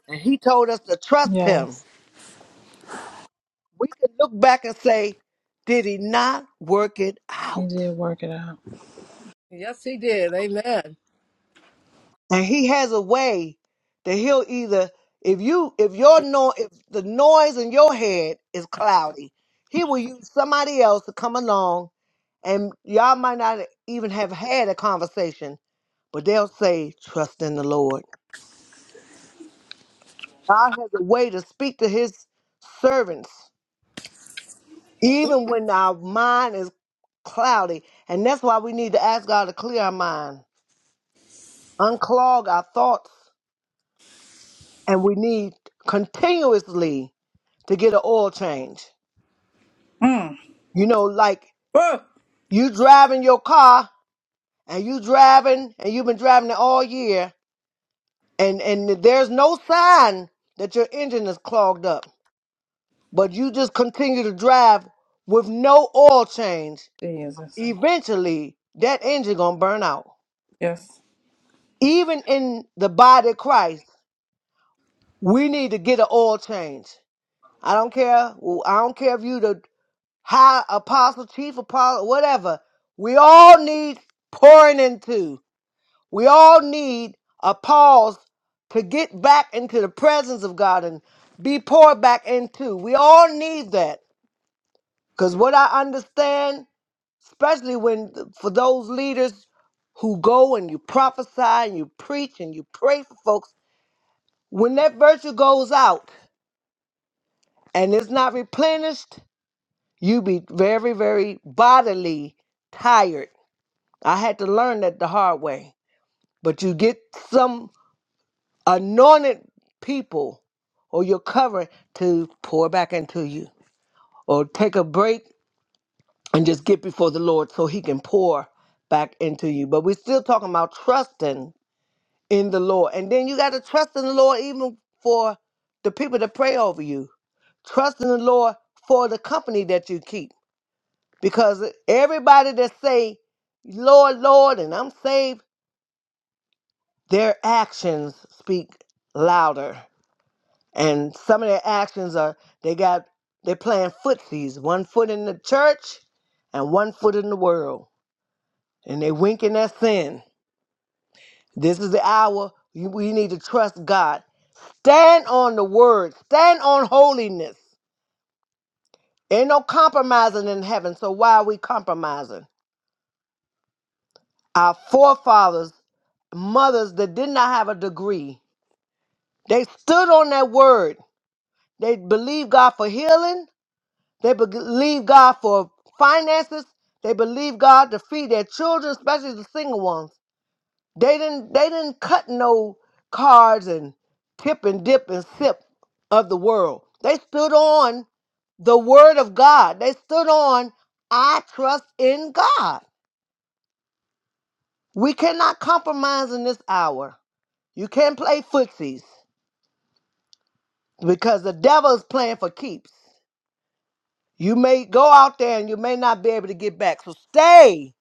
A: and he told us to trust him?
B: Yes,
A: We can look back and say, did he not work it
B: you
A: out?
B: did work it out.
D: Yes, he did. Amen.
A: And he has a way that he'll either if you if your no if the noise in your head is cloudy, he will use somebody else to come along and y'all might not even have had a conversation, but they'll say, trust in the Lord. God has a way to speak to his servants, even when our mind is cloudy. And that's why we need to ask God to clear our mind, unclog our thoughts, and we need continuously to get an oil change.
B: Mm.
A: You know, like
B: Whoa.
A: you driving your car and you driving and you've been driving it all year and, and there's no sign that your engine is clogged up, but you just continue to drive with no oil change
B: Jesus.
A: eventually that engine gonna burn out.
B: Yes.
A: Even in the body of Christ, we need to get an oil change. I don't care. I don't care if you the high apostle, chief apostle, whatever. We all need pouring into. We all need a pause to get back into the presence of God and be poured back into. We all need that. Because what I understand, especially when for those leaders who go and you prophesy and you preach and you pray for folks, when that virtue goes out and it's not replenished, you be very, very bodily tired. I had to learn that the hard way. But you get some anointed people or your covering to pour back into you or take a break and just get before the Lord so he can pour back into you. But we're still talking about trusting in the Lord. And then you got to trust in the Lord even for the people that pray over you. Trust in the Lord for the company that you keep. Because everybody that say, Lord, Lord, and I'm saved, their actions speak louder. And some of their actions are they got they playing footsies, one foot in the church and one foot in the world. And they winking at sin. This is the hour you- we need to trust God Stand on the word. Stand on holiness. Ain't no compromising in heaven. So why are we compromising? Our forefathers, mothers that did not have a degree, they stood on that word. They believed God for healing. They be- believed God for finances. They believed God to feed their children, especially the single ones. They didn't. They didn't cut no cards and tip and dip and sip of the world. They stood on. the word of God. They stood on, I trust in God. We cannot compromise in this hour. You can't play footsies because the devil is playing for keeps. You may go out there and you may not be able to get back. So stay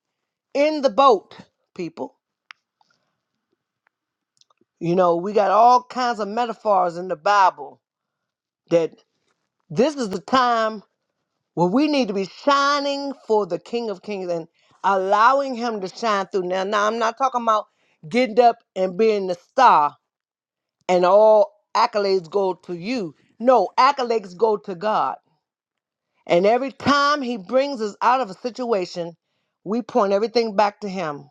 A: in the boat, people. You know, we got all kinds of metaphors in the Bible that this is the time Well, we need to be shining for the King of Kings and allowing him to shine through. Now, now I'm not talking about getting up and being the star and all accolades go to you. No, accolades go to God. And every time he brings us out of a situation, we point everything back to him.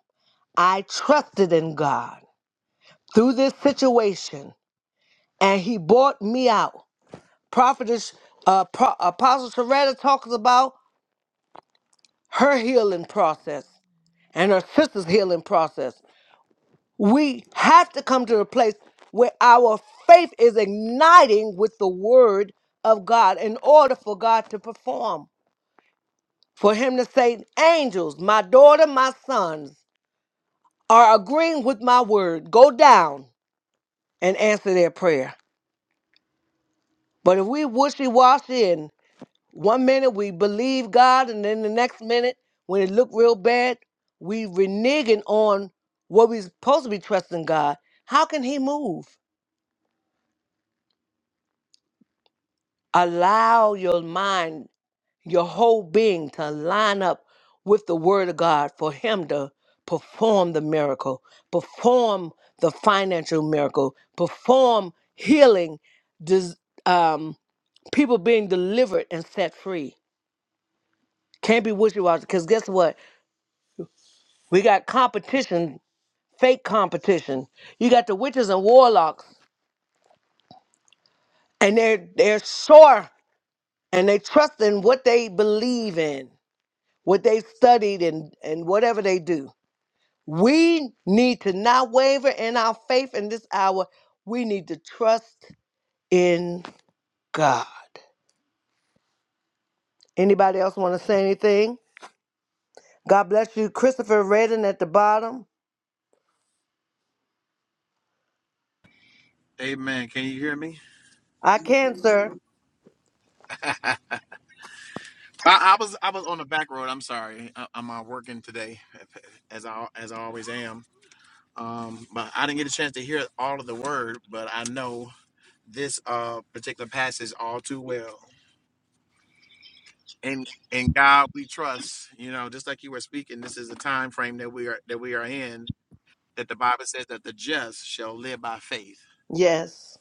A: I trusted in God through this situation, and he brought me out. Prophetess uh, Pro- Apostle Sharetta talks about her healing process. and her sister's healing process. We have to come to a place where our faith is igniting with the word of God in order for God to perform. For him to say, Angels, my daughter, my sons are agreeing with my word. Go down and answer their prayer. But if we wishy washy and one minute we believe God and then the next minute, when it look real bad, we reneging on what we're supposed to be trusting God. How can he move? allow your mind, your whole being to line up with the word of God for him to perform the miracle, perform the financial miracle, perform healing, dis- um, people being delivered and set free. Can't be wishy-washy because guess what? We got competition, fake competition. You got the witches and warlocks, and they're they're sure and they trust in what they believe in. what they studied and, and whatever they do. We need to not waver in our faith in this hour. We need to trust in God. Anybody else want to say anything? God bless you. Christopher Redden at the bottom.
E: Amen. Can you hear me?
A: I can, sir.
E: I, I was I was on the back road. I'm sorry. I, I'm uh, working today, as I as I always am. Um, but I didn't get a chance to hear all of the word, but I know this uh particular passage all too well. And in God we trust. You know, just like you were speaking, this is the time frame that we are that we are in. That the Bible says that the just shall live by faith.
A: Yes.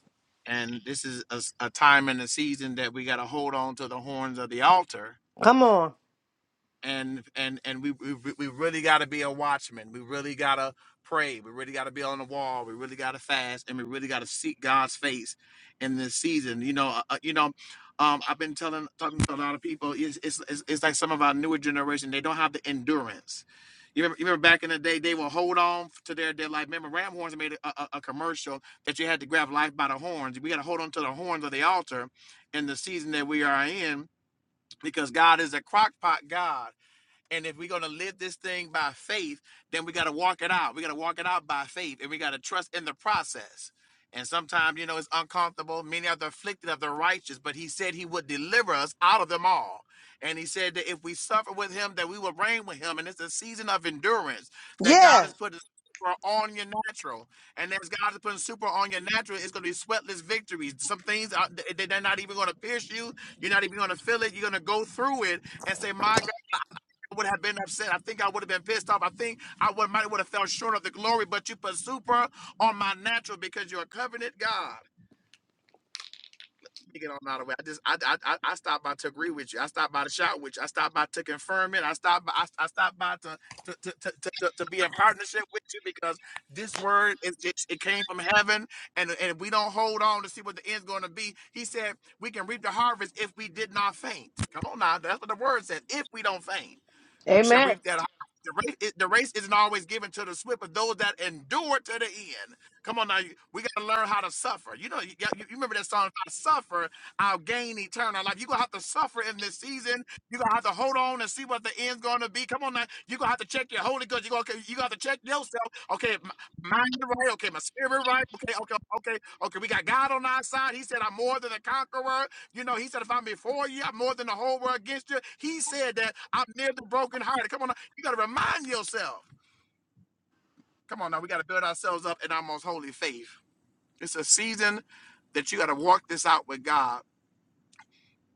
E: And this is a, s- a time and a season that we got to hold on to the horns of the altar
A: Come on.
E: and and and we we, we really got to be a watchman. We really got to pray. We really got to be on the wall. We really got to fast, and we really got to seek God's face in this season. You know, uh, uh, you know. Um, I've been telling talking to a lot of people. It's, it's it's it's like some of our newer generation. They don't have the endurance. You remember, you remember back in the day, they will hold on to their their life. Remember, Ram Horns made a, a, a commercial that you had to grab life by the horns. We got to hold on to the horns of the altar in the season that we are in because God is a crockpot God and if we're going to live this thing by faith, then we got to walk it out. We got to walk it out by faith and we got to trust in the process. And sometimes, you know, it's uncomfortable. Many are the afflicted of the righteous, but he said he would deliver us out of them all. And he said that if we suffer with him, that we will reign with him. And it's a season of endurance that God
A: Yes.
E: has put super on your natural. And as God is putting super on your natural, it's going to be sweatless victories. Some things, are, they- they're not even going to pierce you. You're not even going to feel it. You're going to go through it and say, my would have been upset. I think I would have been pissed off. I think I would might would have fell short of the glory, but you put super on my natural because you're a covenant God. Nigga don't know how to way. I just I, I I stopped by to agree with you. I stopped by to shout with you. I stopped by to confirm it. I stopped by I, I stopped by to to, to, to, to to to be in partnership with you because this word it, it, it came from heaven and and if we don't hold on to see what the end's going to be, he said we can reap the harvest if we did not faint. Come on now, that's what the word says. If we don't faint, we shall
A: Amen.
E: reap that. harvest. The race, the race isn't always given to the swift, but those that endure to the end. Come on now, you- we got to learn how to suffer. You know, you, got- you you remember that song, if I suffer, I'll gain eternal life. You're going to have to suffer in this season. You're going to have to hold on and see what the end's going to be. Come on now, you're going to have to check your Holy Ghost. You're going to you gonna have to check yourself. Okay, m- mind right. Okay, my spirit right. Okay, okay, okay, okay. We got God on our side. He said, I'm more than a conqueror. You know, He said, if I'm before you, I'm more than the whole world against you. He said that I'm near the broken hearted. Come on now, you got to remind yourself. Come on now, we got to build ourselves up in our most holy faith. It's a season that you got to walk this out with God.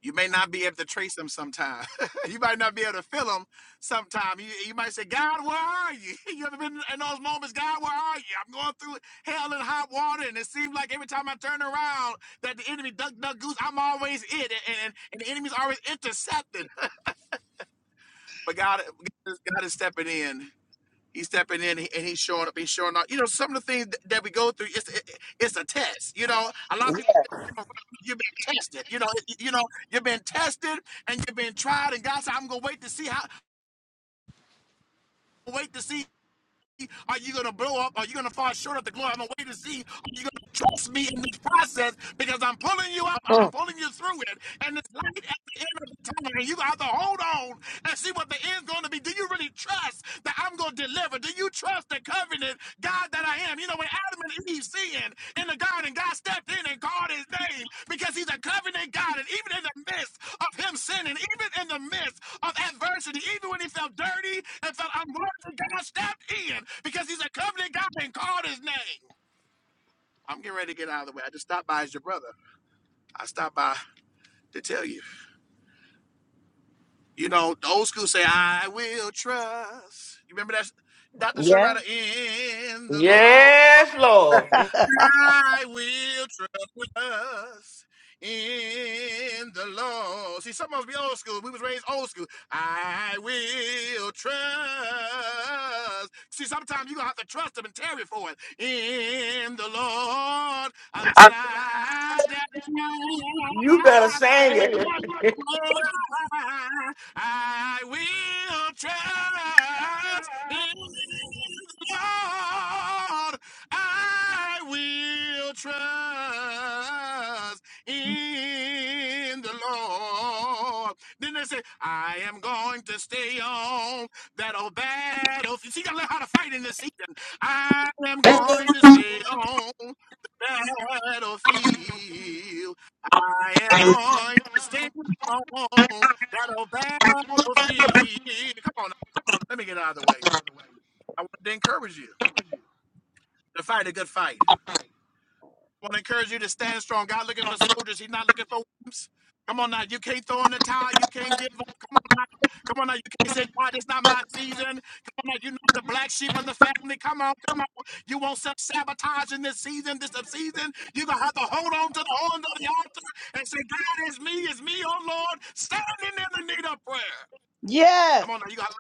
E: You may not be able to trace them sometime. you might not be able to feel them sometime. You, you might say, God, where are you? You ever been in those moments, God, where are you? I'm going through hell and hot water, and it seems like every time I turn around that the enemy, duck, duck, goose, I'm always it, and, and, and the enemy's always intercepting. But God, God is God is stepping in. He's stepping in and he's showing up. He's showing up. You know, some of the things th- that we go through, it's it- it's a test. You know, a lot of people think you've been tested. You know, y- you know you've been tested and you've been tried. And God said, "I'm gonna wait to see how. Wait to see. Are you gonna blow up? Are you gonna fall short of the glory? I'm gonna wait to see. Are you gonna trust me in this process? Because I'm pulling you up. I- I'm
A: Mm.
E: pulling you through it. And it's light at the end of the tunnel. And you got to hold on and see what the end's going to be. Do you really trust that I'm going to deliver? Do you trust the covenant God that I am? You know, when Adam and Eve sinned in the garden, God stepped in and called his name because he's a covenant God. And even in the midst of him sinning, even in the midst of adversity, even when he felt dirty and felt unworthy, God stepped in because he's a covenant God and called his name. I'm getting ready to get out of the way. I just stopped by as your brother. I stopped by to tell you. You know, the old school say, I will trust. You remember that? Dr.
A: Yeah.
E: Sharada in the Lord.
C: Yes, Lord.
E: I will trust with us in the Lord. See, some of us be old school. We was raised old school. I will trust. See, sometimes you're gonna have to trust him and tarry for it. In the Lord until I die.
C: You better sing
E: You may not-
C: it.
E: I will trust in the Lord I will trust in the Lord. Then they say, I am going to stay on that old battlefield. See, you gotta learn how to fight in this season. I am going to stay on the battlefield. I am going to stay on that old battlefield. Come on, let me get out of the way. I want to encourage you to fight a good fight. I want to encourage you to stand strong. God looking for soldiers. He's not looking for wimps. Come on now. You can't throw in the towel. You can't give up. Come on now. Come on now. You can't say, God, it's not my season. Come on now. You're not the black sheep of the family. Come on. Come on. You won't self sabotage in this season, this season. You're going to have to hold on to the horns of the altar and say, God, it's me. It's me, oh Lord, standing in the need of prayer.
A: yes.
E: Come on now, you got to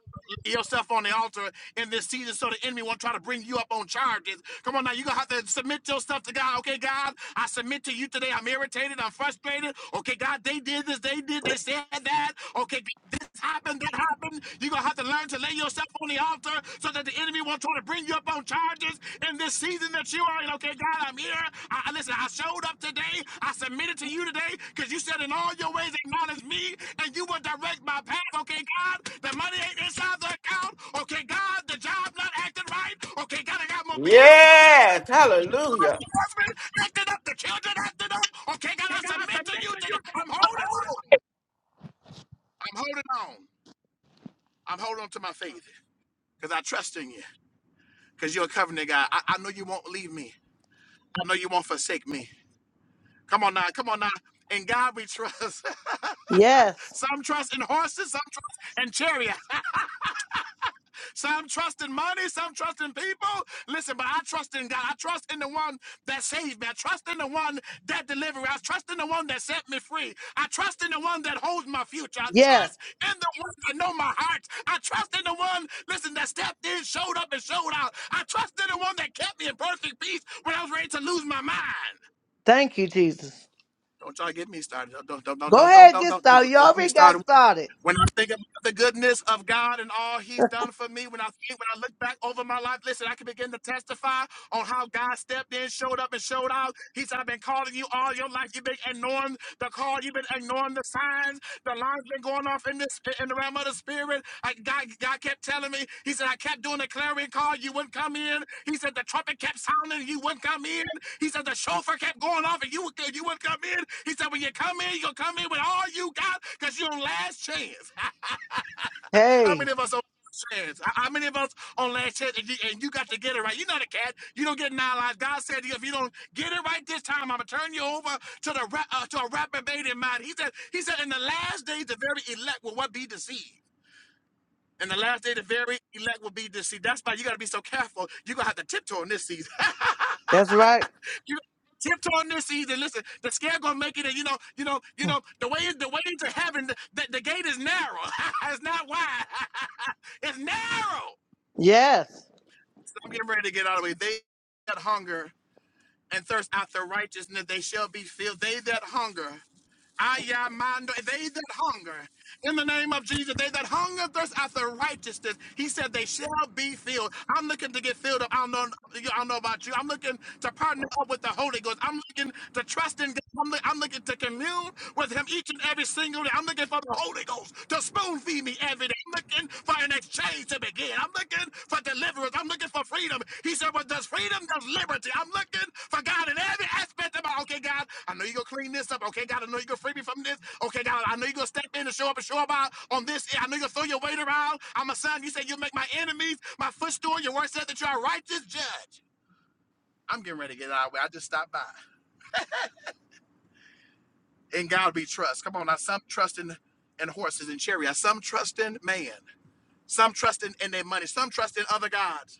E: lay yourself on the altar in this season, so the enemy won't try to bring you up on charges. Come on now, you gonna have to submit your stuff to God. Okay, God, I submit to you today. I'm irritated. I'm frustrated. Okay, God, they did this. They did. They said that. Okay, this happened. That happened. You are gonna have to learn to lay yourself on the altar so that the enemy won't try to bring you up on charges in this season that you are in. Okay, God, I'm here. I, listen, I showed up today. I submitted to you today because you said in all your ways acknowledge me and you will direct my path. Okay, God, the money ain't inside the account. Okay, God, the job not acting right. Okay, God, I got more bills that I
C: yes. Hallelujah.
E: the husband acting up, the children acting up. Okay, God, I submit to you today. I'm holding on. I'm holding on. I'm holding on to my faith because I trust in you because you're a covenant God. I, I know you won't leave me. I know you won't forsake me. Come on now, come on now. In God we trust.
A: Yes.
E: some trust in horses, some trust in chariots, some trust in money, some trust in people. Listen, but I trust in God. I trust in the one that saved me. I trust in the one that delivered me. I trust in the one that set me free. I trust in the one that holds my future. I
A: Yeah.
E: trust in the one that know my heart. I trust in the one, listen, that stepped in, showed up, and showed out. I trust in the one that kept me in perfect peace when I was ready to lose my mind.
A: Thank you, Jesus.
E: Don't y'all get me started. Don't don't don't
A: Go
E: don't don't
A: ahead and
E: don't
A: get
E: don't, don't, don't
A: started. You
E: get me
A: already got
E: started.
A: started.
E: When I think about the goodness of God and all He's done for me, when I think when I look back over my life, listen, I can begin to testify on how God stepped in, showed up, and showed out. He said, "I've been calling you all your life. You've been ignoring the call. You've been ignoring the signs. The lines been going off in this." spirit, in the realm of the spirit. I, God, God kept telling me, He said, I kept doing the clarion call, you wouldn't come in. He said, the trumpet kept sounding, you wouldn't come in. He said, the chauffeur kept going off, and you, would- you wouldn't come in. He said, when you come in, you'll come in with all you got, because you're on last chance. How
A: Hey,
E: many of us on last chance? How how many of us on last chance and you, and you got to get it right? You're not a cat. You don't get nine lives. God said, if you don't get it right this time, I'm going to turn you over to the re- uh, to a reprobated mind. He said, he said, in the last days, the very elect will what be deceived. And the last day, the very elect will be deceived. That's why you got to be so careful. You're going to have to tiptoe in this season.
A: that's right.
E: you tiptoe in this season. Listen, the scare going to make it. And you know, you know, you know, the way is the way into heaven, the, the, the gate is narrow. it's not wide. it's narrow.
A: Yes.
E: So I'm getting ready to get out of the way. They that hunger and thirst after righteousness, they shall be filled. They that hunger, Ayamando, they that hunger, in the name of Jesus, they that hunger and thirst after righteousness, he said they shall be filled. I'm looking to get filled up. I don't know, I don't know about you. I'm looking to partner up with the Holy Ghost. I'm looking to trust in God. I'm, look- I'm looking to commune with him each and every single day. I'm looking for the Holy Ghost to spoon feed me every day for an exchange to begin. I'm looking for deliverance. I'm looking for freedom. He said, Well, does freedom, does liberty. I'm looking for God in every aspect of my okay, God, I know you're gonna clean this up. Okay, God, I know you're gonna free me from this. Okay, God, I know you're gonna step in and show up and show up out on this. I know you're gonna throw your weight around. I'm a son. You said you'll make my enemies my footstool. Your word said that you're a righteous judge. I'm getting ready to get out of the way. I just stopped by. In God we trust. Come on, now some trust in, in horses and chariots, some trust in man, some trust in, in their money, some trust in other gods.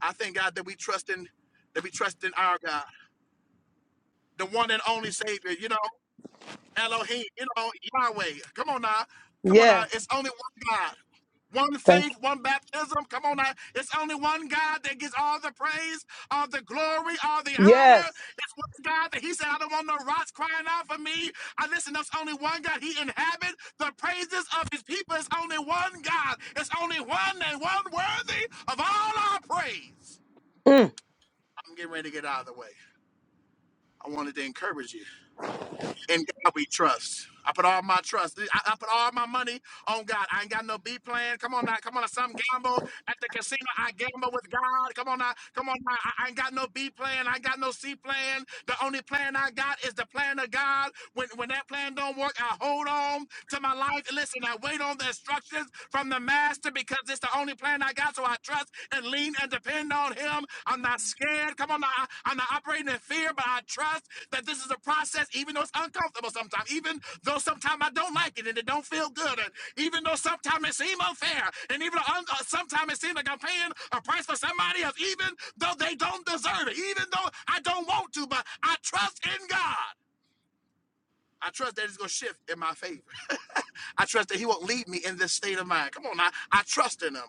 E: I thank God that we trust in that we trust in our God, the one and only Savior, you know, Elohim, you know, Yahweh. Come on now. Come on now.
A: Yeah.
E: It's only one God. One
A: Thank
E: faith, one baptism. Come on now. It's only one God that gets all the praise, all the glory, all the
A: you.
E: honor.
A: Yes.
E: It's one God that He said, I don't want no rocks crying out for me. I listen, there's only one God. He inhabits the praises of His people. It's only one God. It's only one and one worthy of all our praise.
A: Mm.
E: I'm getting ready to get out of the way. I wanted to encourage you. In God we trust. I put all my trust. I, I put all my money on God. I ain't got no B plan. Come on now. Come on now. Some gamble at the casino. I gamble with God. Come on now. Come on now. I, I ain't got no B plan. I ain't got no C plan. The only plan I got is the plan of God. When when that plan don't work, I hold on to my life. Listen, I wait on the instructions from the master because it's the only plan I got. So I trust and lean and depend on him. I'm not scared. Come on, I, I'm not operating in fear, but I trust that this is a process, even though it's uncomfortable sometimes, even though sometimes I don't like it and it don't feel good, and even though sometimes it seems unfair, and even though un- uh, sometimes it seems like I'm paying a price for somebody else, even though they don't deserve it, even though I don't want to, but I trust in God. I trust that it's going to shift in my favor. I trust that He won't leave me in this state of mind. Come on, I, I trust in Him.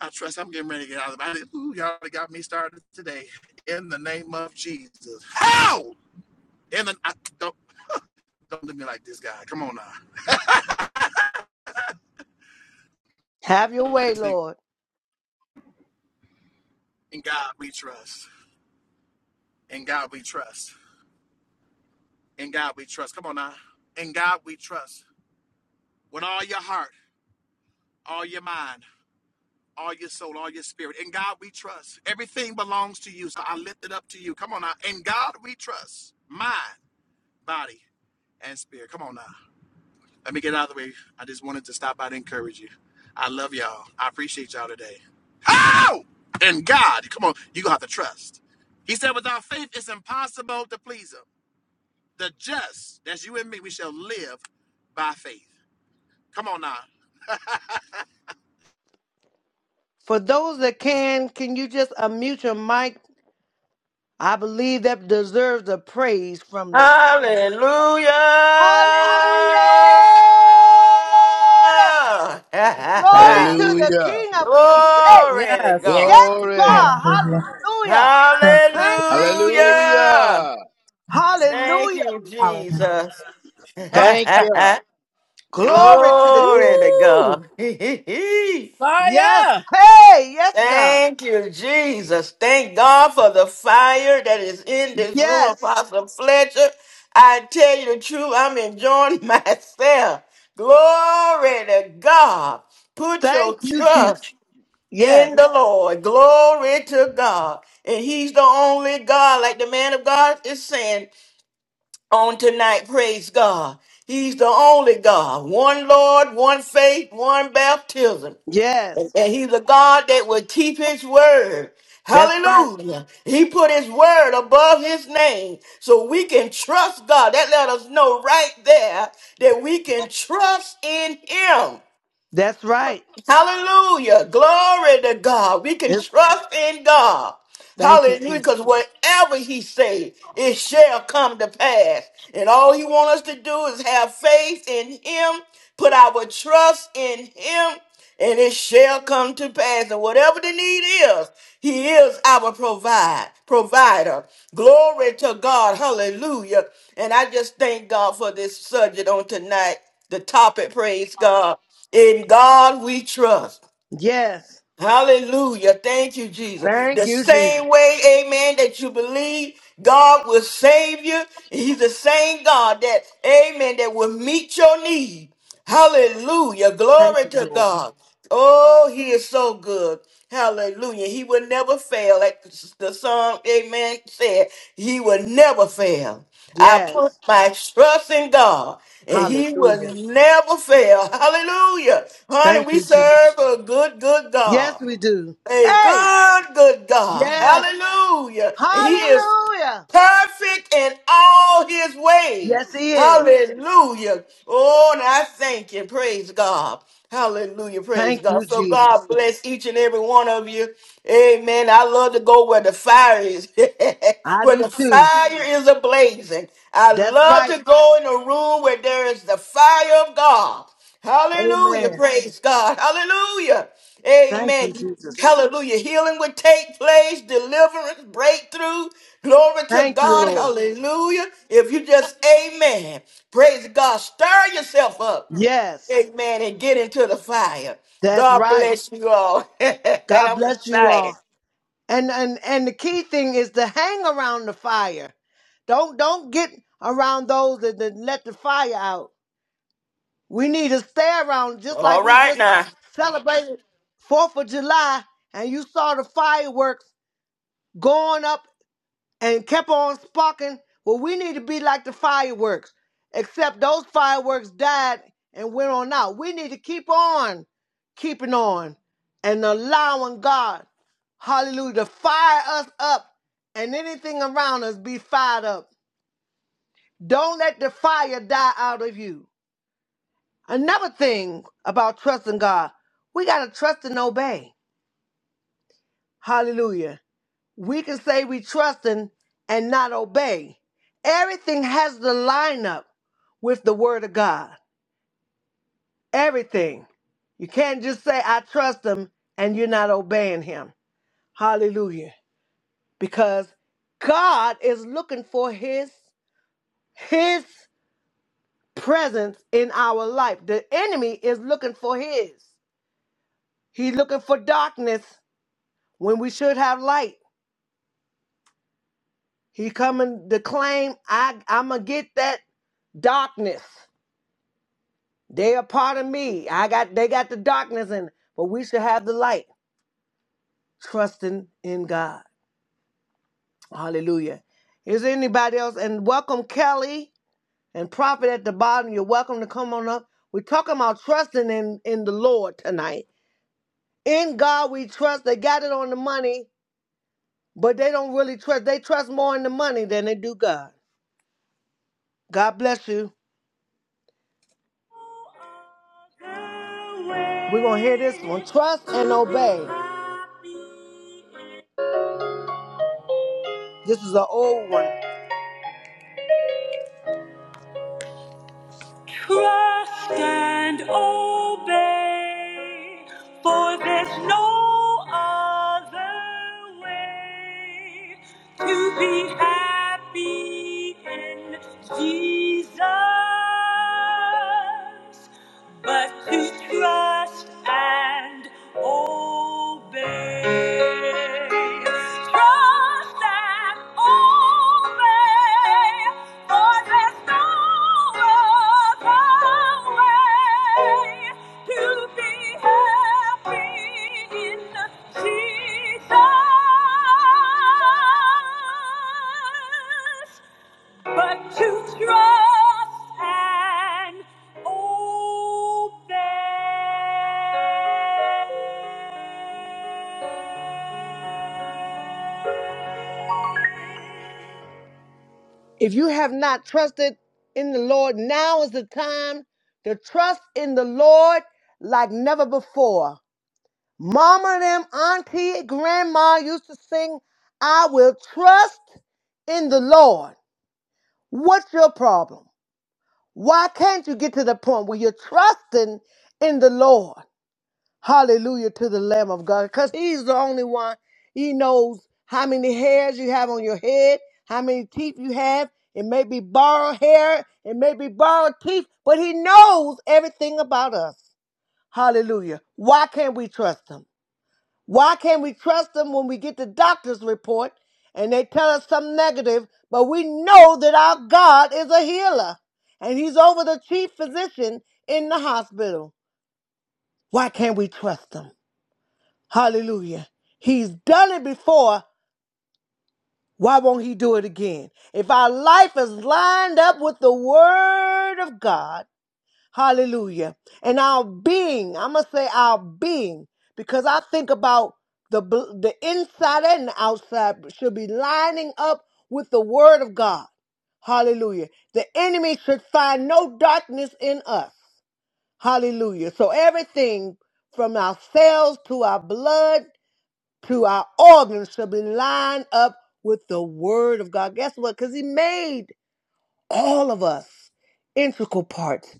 E: I trust I'm getting ready to get out of the body. Ooh, y'all got me started today. In the name of Jesus. How? In the I, don't don't look at me like this guy. Come on now.
A: Have your way, Lord.
E: In God we trust. In God we trust. In God we trust. Come on now. In God we trust. With all your heart, all your mind, all your soul, all your spirit. In God we trust. Everything belongs to you. So I lift it up to you. Come on now. In God we trust. Mind, body, and spirit. Come on now. Let me get out of the way. I just wanted to stop by to encourage you. I love y'all. I appreciate y'all today. How? And God, come on, you gonna have to trust. He said, without faith, it's impossible to please him. The just, that's you and me, we shall live by faith. Come on now.
A: For those that can, can you just unmute your mic? I believe that deserves a praise from the
C: Hallelujah.
A: Hallelujah. Glory to the
F: Hallelujah.
A: King of Kings. Hey,
C: Glory to
D: Yes.
C: God.
A: yes,
F: Glory.
A: God.
B: Hallelujah.
A: Hallelujah.
B: Thank you.
A: Thank you, Jesus.
C: Hallelujah.
F: Hallelujah.
C: Thank
A: Hallelujah.
C: you,
B: Hallelujah.
C: Jesus.
D: Fire.
F: Thank you.
A: Glory to the King
C: Glory
A: of
C: to
A: Kings.
D: Woo.
C: God.
A: Yes.
D: Fire.
A: Hey, yes, God.
C: Thank you, Jesus. Thank God for the fire that is in this room,
A: Yes.
C: Apostle Fletcher. I tell you the truth, I'm enjoying myself. Glory to God. Put your
A: Thank you, Jesus.
C: trust
A: Yes.
C: in the Lord. Glory to God. And He's the only God, like the man of God is saying on tonight. Praise God. He's the only God. One Lord, one faith, one baptism. And
A: Yes.
C: and He's a God that will keep His word.
A: That's right.
C: Hallelujah. He put his word above his name so we can trust God. That let us know right there that we can trust in him.
A: That's right.
C: Hallelujah. Glory to God. We can
A: It's,
C: trust in God.
A: thank you,
C: Hallelujah.
A: Jesus.
C: Because whatever he say, it shall come to pass. And all he wants us to do is have faith in him, put our trust in him, and it shall come to pass. And whatever the need is, he is our provide provider. Glory to God. Hallelujah. And I just thank God for this subject on tonight. The topic, praise God. In God we trust.
A: Yes.
C: Hallelujah. Thank you, Jesus.
A: Thank
C: The
A: you, Jesus.
C: same way, amen, that you believe God will save you. He's the same God that, amen, that will meet your need. Hallelujah.
A: Thank
C: Glory
A: you,
C: to
A: Lord.
C: God. Oh, he is so good. Hallelujah. He will never fail. Like the song, amen, said, he will never fail. I put
A: Yes.
C: my trust in God and he will
A: Hallelujah.
C: never fail. Hallelujah. Honey,
A: Thank
C: we
A: you, Jesus.
C: serve a good, good
A: Yes,
C: God.
A: we do.
C: A
A: Hey.
C: good, good God.
A: Yes.
C: Hallelujah. He is
A: Hallelujah.
C: perfect in all his ways.
A: Yes, he is.
C: Hallelujah. Oh, and I thank you. Praise God. Hallelujah. Praise
A: Thank
C: God.
A: you,
C: So
A: Jesus.
C: God bless each and every one of you. Amen. I love to go where the fire is,
A: I
C: where
A: do
C: the
A: too.
C: fire is ablazing. I
A: That's
C: love
A: right.
C: to go in a room where there is the fire of God. Hallelujah.
A: Amen.
C: Praise God. Hallelujah.
A: Thank you,
C: Amen.
A: Jesus.
C: Hallelujah. Healing would take place, deliverance, breakthrough. Glory to
A: Thank you,
C: God.
A: Lord.
C: Hallelujah. If you just, amen. Praise God. Stir yourself up.
A: Yes.
C: Amen. And get into the fire.
A: That's
C: God
A: right.
C: bless you all. and
A: God
C: I'm
A: bless you
C: excited.
A: all. And and and the key thing is to hang around the fire. Don't don't get around those that, that let the fire out. We need to stay around just
C: All
A: like we
C: right
A: just
C: now.
A: celebrated Fourth of July and you saw the fireworks going up and kept on sparking. Well, we need to be like the fireworks, except those fireworks died and went on out. We need to keep on keeping on and allowing God, hallelujah, to fire us up and anything around us be fired up. Don't let the fire die out of you. Another thing about trusting God, we got to trust and obey. Hallelujah. We can say we trusting and not obey. Everything has to line up with the word of God. Everything. You can't just say I trust him and you're not obeying him. Hallelujah. Because God is looking for his his presence in our life. The enemy is looking for his. He's looking for darkness when we should have light. He coming to claim I I'ma get that darkness. They are part of me. I got they got the darkness in, but we should have the light, trusting in God. Hallelujah. Is there anybody else? And welcome Kelly and Prophet at the bottom. You're welcome to come on up. We're talking about trusting in, in the Lord tonight. In God we trust. They got it on the money, but they don't really trust. They trust more in the money than they do God. God bless you. We're gonna hear this one. Trust and obey. This is an old one. obey, for there's no other way to be happy in Jesus but to trust and obey. Trust and obey, for there's no other way to be happy in Jesus but to trust and obey. If you have not trusted in the Lord, now is the time to trust in the Lord like never before. Mama, them, auntie, grandma used to sing, I will trust in the Lord. What's your problem? Why can't you get to the point where you're trusting in the Lord? Hallelujah to the Lamb of God. Because He's the only one. He knows how many hairs you have on your head, how many teeth you have. It may be borrowed hair, it may be borrowed teeth, but He knows everything about us. Hallelujah. Why can't we trust Him? Why can't we trust them when we get the doctor's report and they tell us some negative, but we know that our God is a healer and he's over the chief physician in the hospital? Why can't we trust him? Hallelujah. He's done it before. Why won't he do it again? If our life is lined up with the word of God, Hallelujah. And our being, I'm going to say our being, because I think about the, bl- the inside and the outside should be lining up with the word of God. Hallelujah. The enemy should find no darkness in us. Hallelujah. So everything from our cells to our blood to our organs should be lined up with the word of God. Guess what? Because he made all of us integral parts.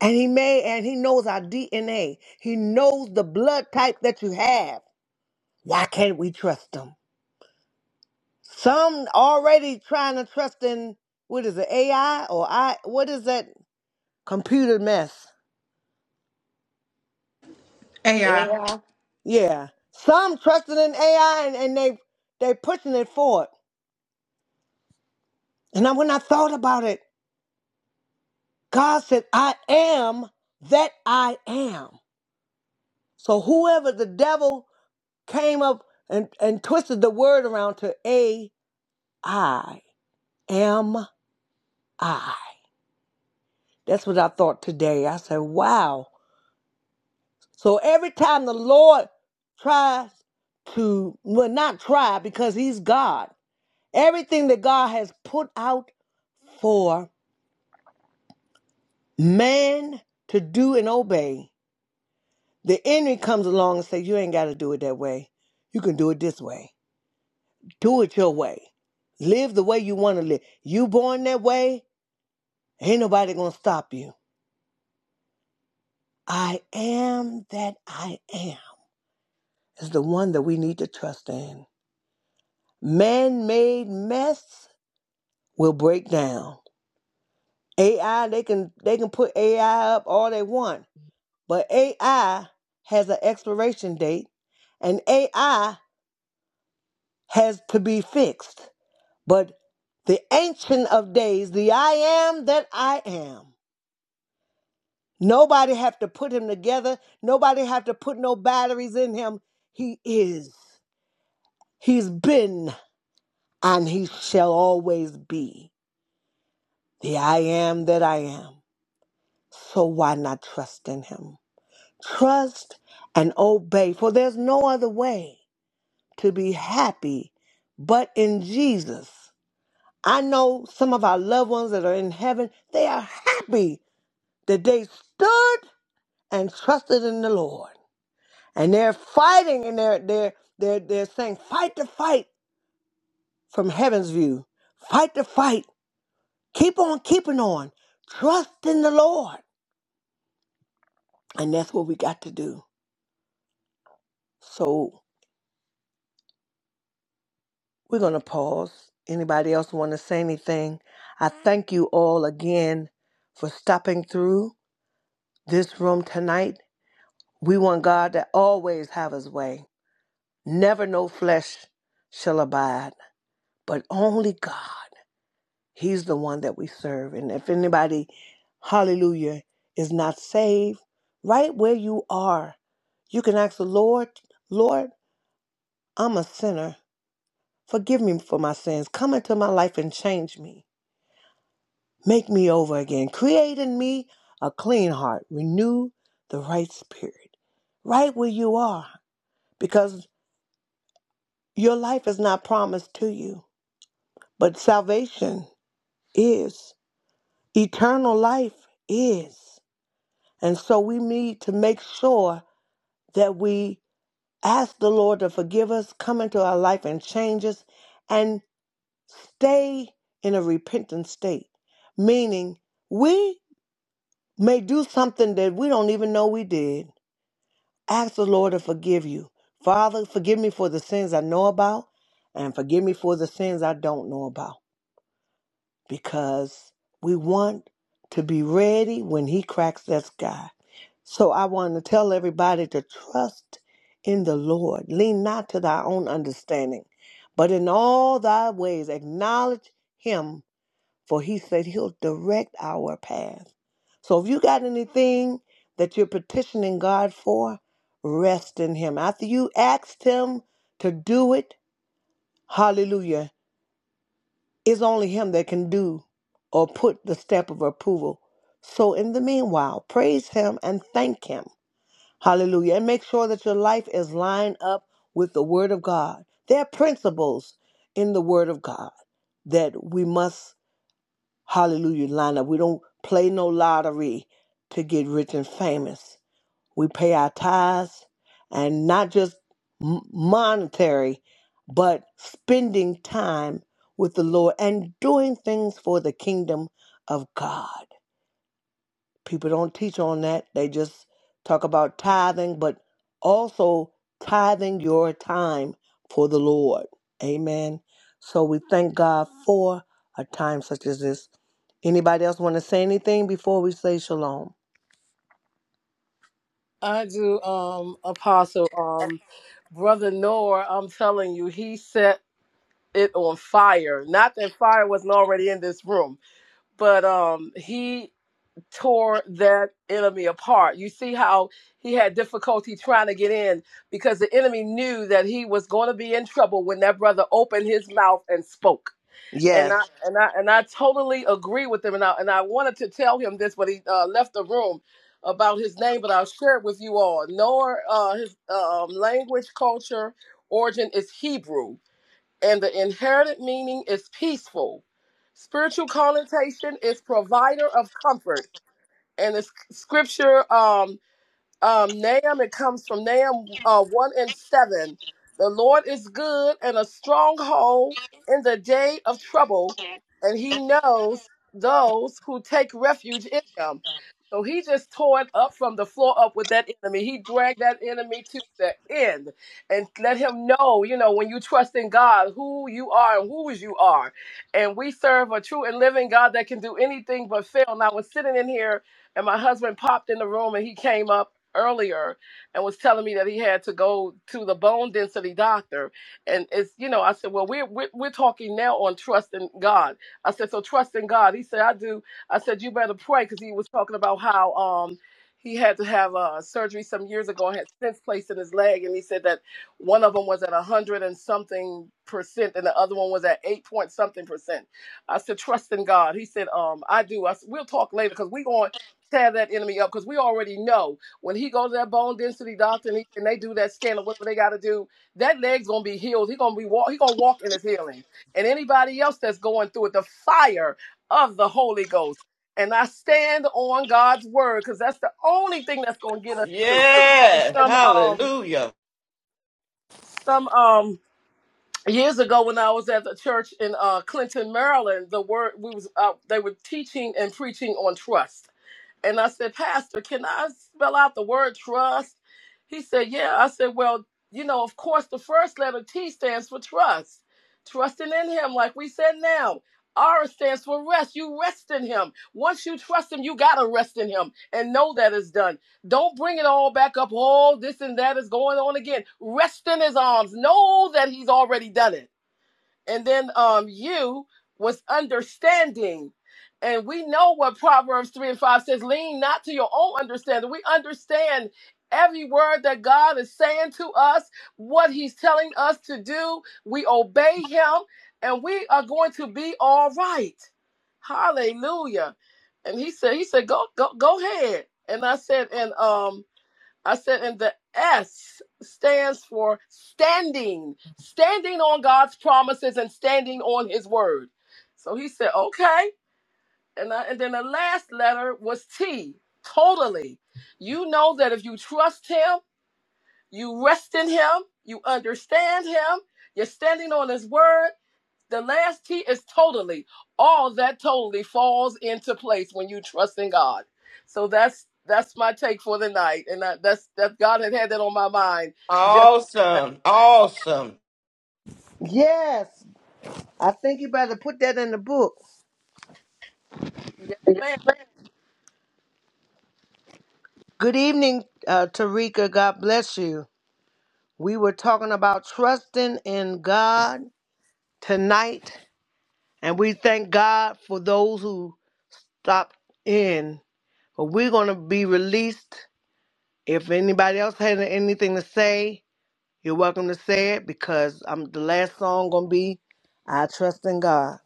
A: And he may and he knows our DNA. He knows the blood type that you have. Why can't we trust him? Some already trying to trust in what is it, AI or I what is that computer mess?
B: Hey,
A: Yeah. Some trusting in AI and, and they they pushing it forward. And I, when I thought about it, God said, I am that I am. So whoever the devil came up and, and twisted the word around to AI am I? That's what I thought today. I said, wow. So every time the Lord tries to, well, not try because he's God, everything that God has put out for man to do and obey, the enemy comes along and says, you ain't got to do it that way. You can do it this way. Do it your way. Live the way you want to live. You born that way, ain't nobody going to stop you. I am that I am. is the one that we need to trust in. Man made mess will break down. AI, they can they can put AI up all they want, but AI has an expiration date and AI has to be fixed. But the ancient of days, the I am that I am. Nobody have to put him together. Nobody have to put no batteries in him. He is. He's been and he shall always be. the I am that I am. So why not trust in him? Trust and obey, for there's no other way to be happy but in Jesus. I know some of our loved ones that are in heaven, they are happy that they stood and trusted in the Lord. And they're fighting and they're they're they're they're saying, fight the fight from heaven's view. Fight the fight. Keep on keeping on. Trust in the Lord. And that's what we got to do. So we're going to pause. Anybody else want to say anything? I thank you all again for stopping through this room tonight. We want God to always have his way. Never no flesh shall abide, but only God. He's the one that we serve. And if anybody, hallelujah, is not saved, right where you are, you can ask the Lord, Lord, I'm a sinner. Forgive me for my sins. Come into my life and change me. Make me over again. Create in me a clean heart. Renew the right spirit. Right where you are, because your life is not promised to you. But salvation is, eternal life is. And so we need to make sure that we ask the Lord to forgive us, come into our life and change us, and stay in a repentant state. Meaning, we may do something that we don't even know we did Ask the Lord to forgive you. Father, forgive me for the sins I know about and forgive me for the sins I don't know about because we want to be ready when He cracks that sky. So I want to tell everybody to trust in the Lord. Lean not to thy own understanding, but in all thy ways acknowledge Him for he said he'll direct our path. So if you got anything that you're petitioning God for, rest in him. After you asked him to do it, hallelujah, it's only him that can do or put the stamp of approval. So in the meanwhile, praise him and thank him. Hallelujah. And make sure that your life is lined up with the word of God. There are principles in the word of God that we must Hallelujah lineup. We don't play no lottery to get rich and famous. We pay our tithes and not just m- monetary, but spending time with the Lord and doing things for the kingdom of God people don't teach on that. They just talk about tithing, but also tithing your time for the Lord. Amen. So we thank God for a time such as this. Anybody else want to say anything before we say shalom?
D: I do, um, Apostle, um, Brother Noor, I'm telling you, he said. it on fire. Not that fire wasn't already in this room, but um he tore that enemy apart. You see how he had difficulty trying to get in because the enemy knew that he was going to be in trouble when that brother opened his mouth and spoke. And
A: Yes.
D: I and I and I totally agree with him and I and I wanted to tell him this but he uh, left the room about his name, but I'll share it with you all. Nor uh, his um, language, culture, origin is Hebrew and the inherited meaning is peaceful. Spiritual connotation is provider of comfort, and the scripture um, um, Nahum, it comes from Nahum uh, 1 and 7. The Lord is good and a stronghold in the day of trouble, and he knows those who take refuge in him. So he just tore it up from the floor up with that enemy. He dragged that enemy to the end and let him know, you know, when you trust in God, who you are and whose you are. And we serve a true and living God that can do anything but fail. And I was sitting in here, and my husband popped in the room and he came up earlier and was telling me that he had to go to the bone density doctor. And it's, you know, I said, well, we're, we're, we're talking now on trust in God. I said, so trust in God. He said, I do. I said, you better pray because he was talking about how um he had to have uh, surgery some years ago and had stents placed in his leg. And he said that one of them was at 100 and something percent and the other one was at 8 point something percent. I said, trust in God. He said, um, I do. I said, we'll talk later because we're going to tear that enemy up because we already know. When he goes to that bone density doctor and, he, and they do that scan or whatever they got to do, that leg's gonna be healed. He gonna be walk. He gonna walk in his healing. And anybody else that's going through it, the fire of the Holy Ghost. And I stand on God's word because that's the only thing that's gonna get us through. And
C: Yes.
D: some um
C: Hallelujah.
D: some um years ago when I was at the church in uh, Clinton, Maryland, the word we was uh, they were teaching and preaching on trust and I said, Pastor, can I spell out the word trust? He said, Yeah. I said, Well, you know, of course, the first letter T stands for trust, trusting in Him, like we said now. R stands for rest. You rest in Him. Once you trust Him, you got to rest in Him and know that it's done. Don't bring it all back up. Oh, this and that is going on again. Rest in His arms. Know that He's already done it and then um you was understanding and we know what proverbs 3 and 5 says lean not to your own understanding we understand every word that god is saying to us what he's telling us to do we obey him and we are going to be all right hallelujah and he said he said go go go ahead and i said and um I said, and the S stands for standing, standing on God's promises and standing on His word. So he said, okay. And, I, and then the last letter was T, totally. You know that if you trust Him, you rest in Him, you understand Him, you're standing on His word, the last T is totally. All that totally falls into place when you trust in God. So that's that's my take for the night, and that, that's that God had had that on my mind. Just
C: Awesome. Awesome.
A: Yes. I think you better put that in the book.
D: yes, ma'am.
A: Good evening, uh, Tarika. God bless you. We were talking about trusting in God tonight. And we thank God for those who stopped in. But we're going to be released. If anybody else had anything to say, you're welcome to say it because I'm the last song going to be I Trust in God.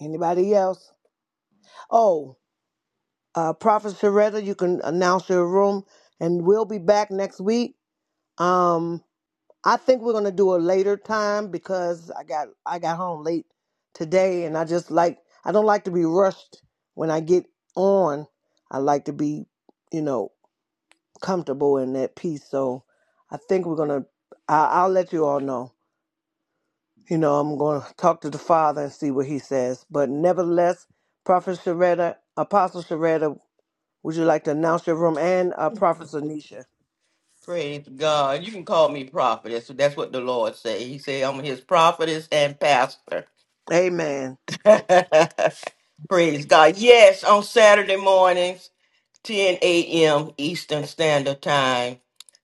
A: Anybody else? Oh, uh, Prophet Sharetta, you can announce your room and we'll be back next week. Um, I think we're gonna do a later time because I got I got home late today, and I just like I don't like to be rushed when I get on. I like to be, you know, comfortable in that peace. So I think we're gonna. I, I'll let you all know. You know, I'm gonna talk to the Father and see what He says. But nevertheless, Prophet Sharetta, Apostle Sharetta, would you like to announce your room and uh, Prophet Zanisha?
C: Praise God. You can call me prophetess. That's what the Lord say. He say I'm his prophetess and pastor.
A: Amen.
C: Praise God. Yes, on Saturday mornings, 10 a.m. Eastern Standard Time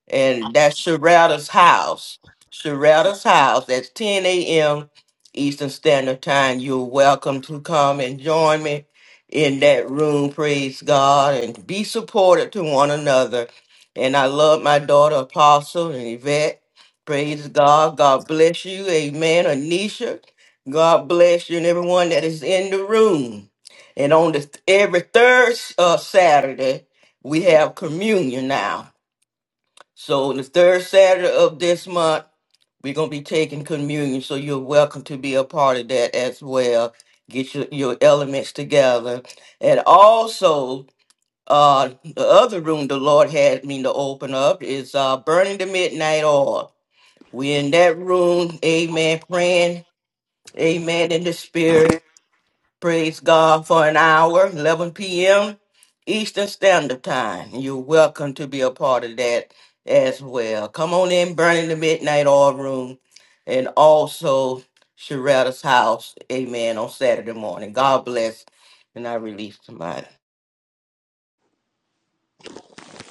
C: and that's Sherrata's house. Sherrata's house at 10 a.m. Eastern Standard Time. You're welcome to come and join me in that room. Praise God and be supportive to one another. And I love my daughter Apostle and Yvette. Praise God. God bless you. Amen. Anisha. God bless you and everyone that is in the room. And on the every third uh, Saturday, we have communion now so the third Saturday of this month, we're gonna be taking communion. So you're welcome to be a part of that as well. Get your, your elements together. And also uh the other room the Lord had me to open up is uh burning the midnight oil. We're in that room, amen, praying, amen, in the spirit Praise God for an hour, 11 p.m. Eastern Standard Time. You're welcome to be a part of that as well. Come on in, Burning the Midnight Oil Room, and also Sharetta's House, amen, on Saturday morning. God bless, and I release somebody.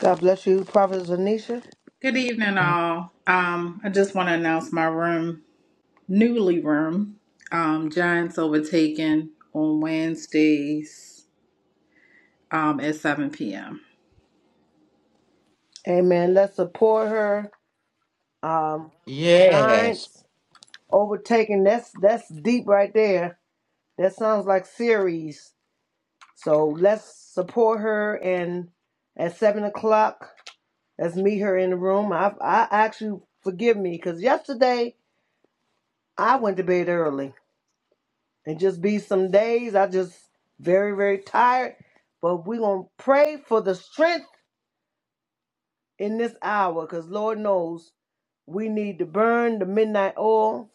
A: God bless you, Prophet Zanisha.
B: good evening, all. Um, I just want to announce my room, newly room. Um, Giants overtaken on Wednesdays um, at 7 p.m.
A: Amen. Let's support her. Um,
C: Yes.
A: Giants overtaking. That's that's deep right there. That sounds like series. So let's support her. And at seven o'clock, let's meet her in the room. I I actually forgive me because yesterday I went to bed early and just be some days I just very very tired. But we gonna pray for the strength in this hour because Lord knows we need to burn the midnight oil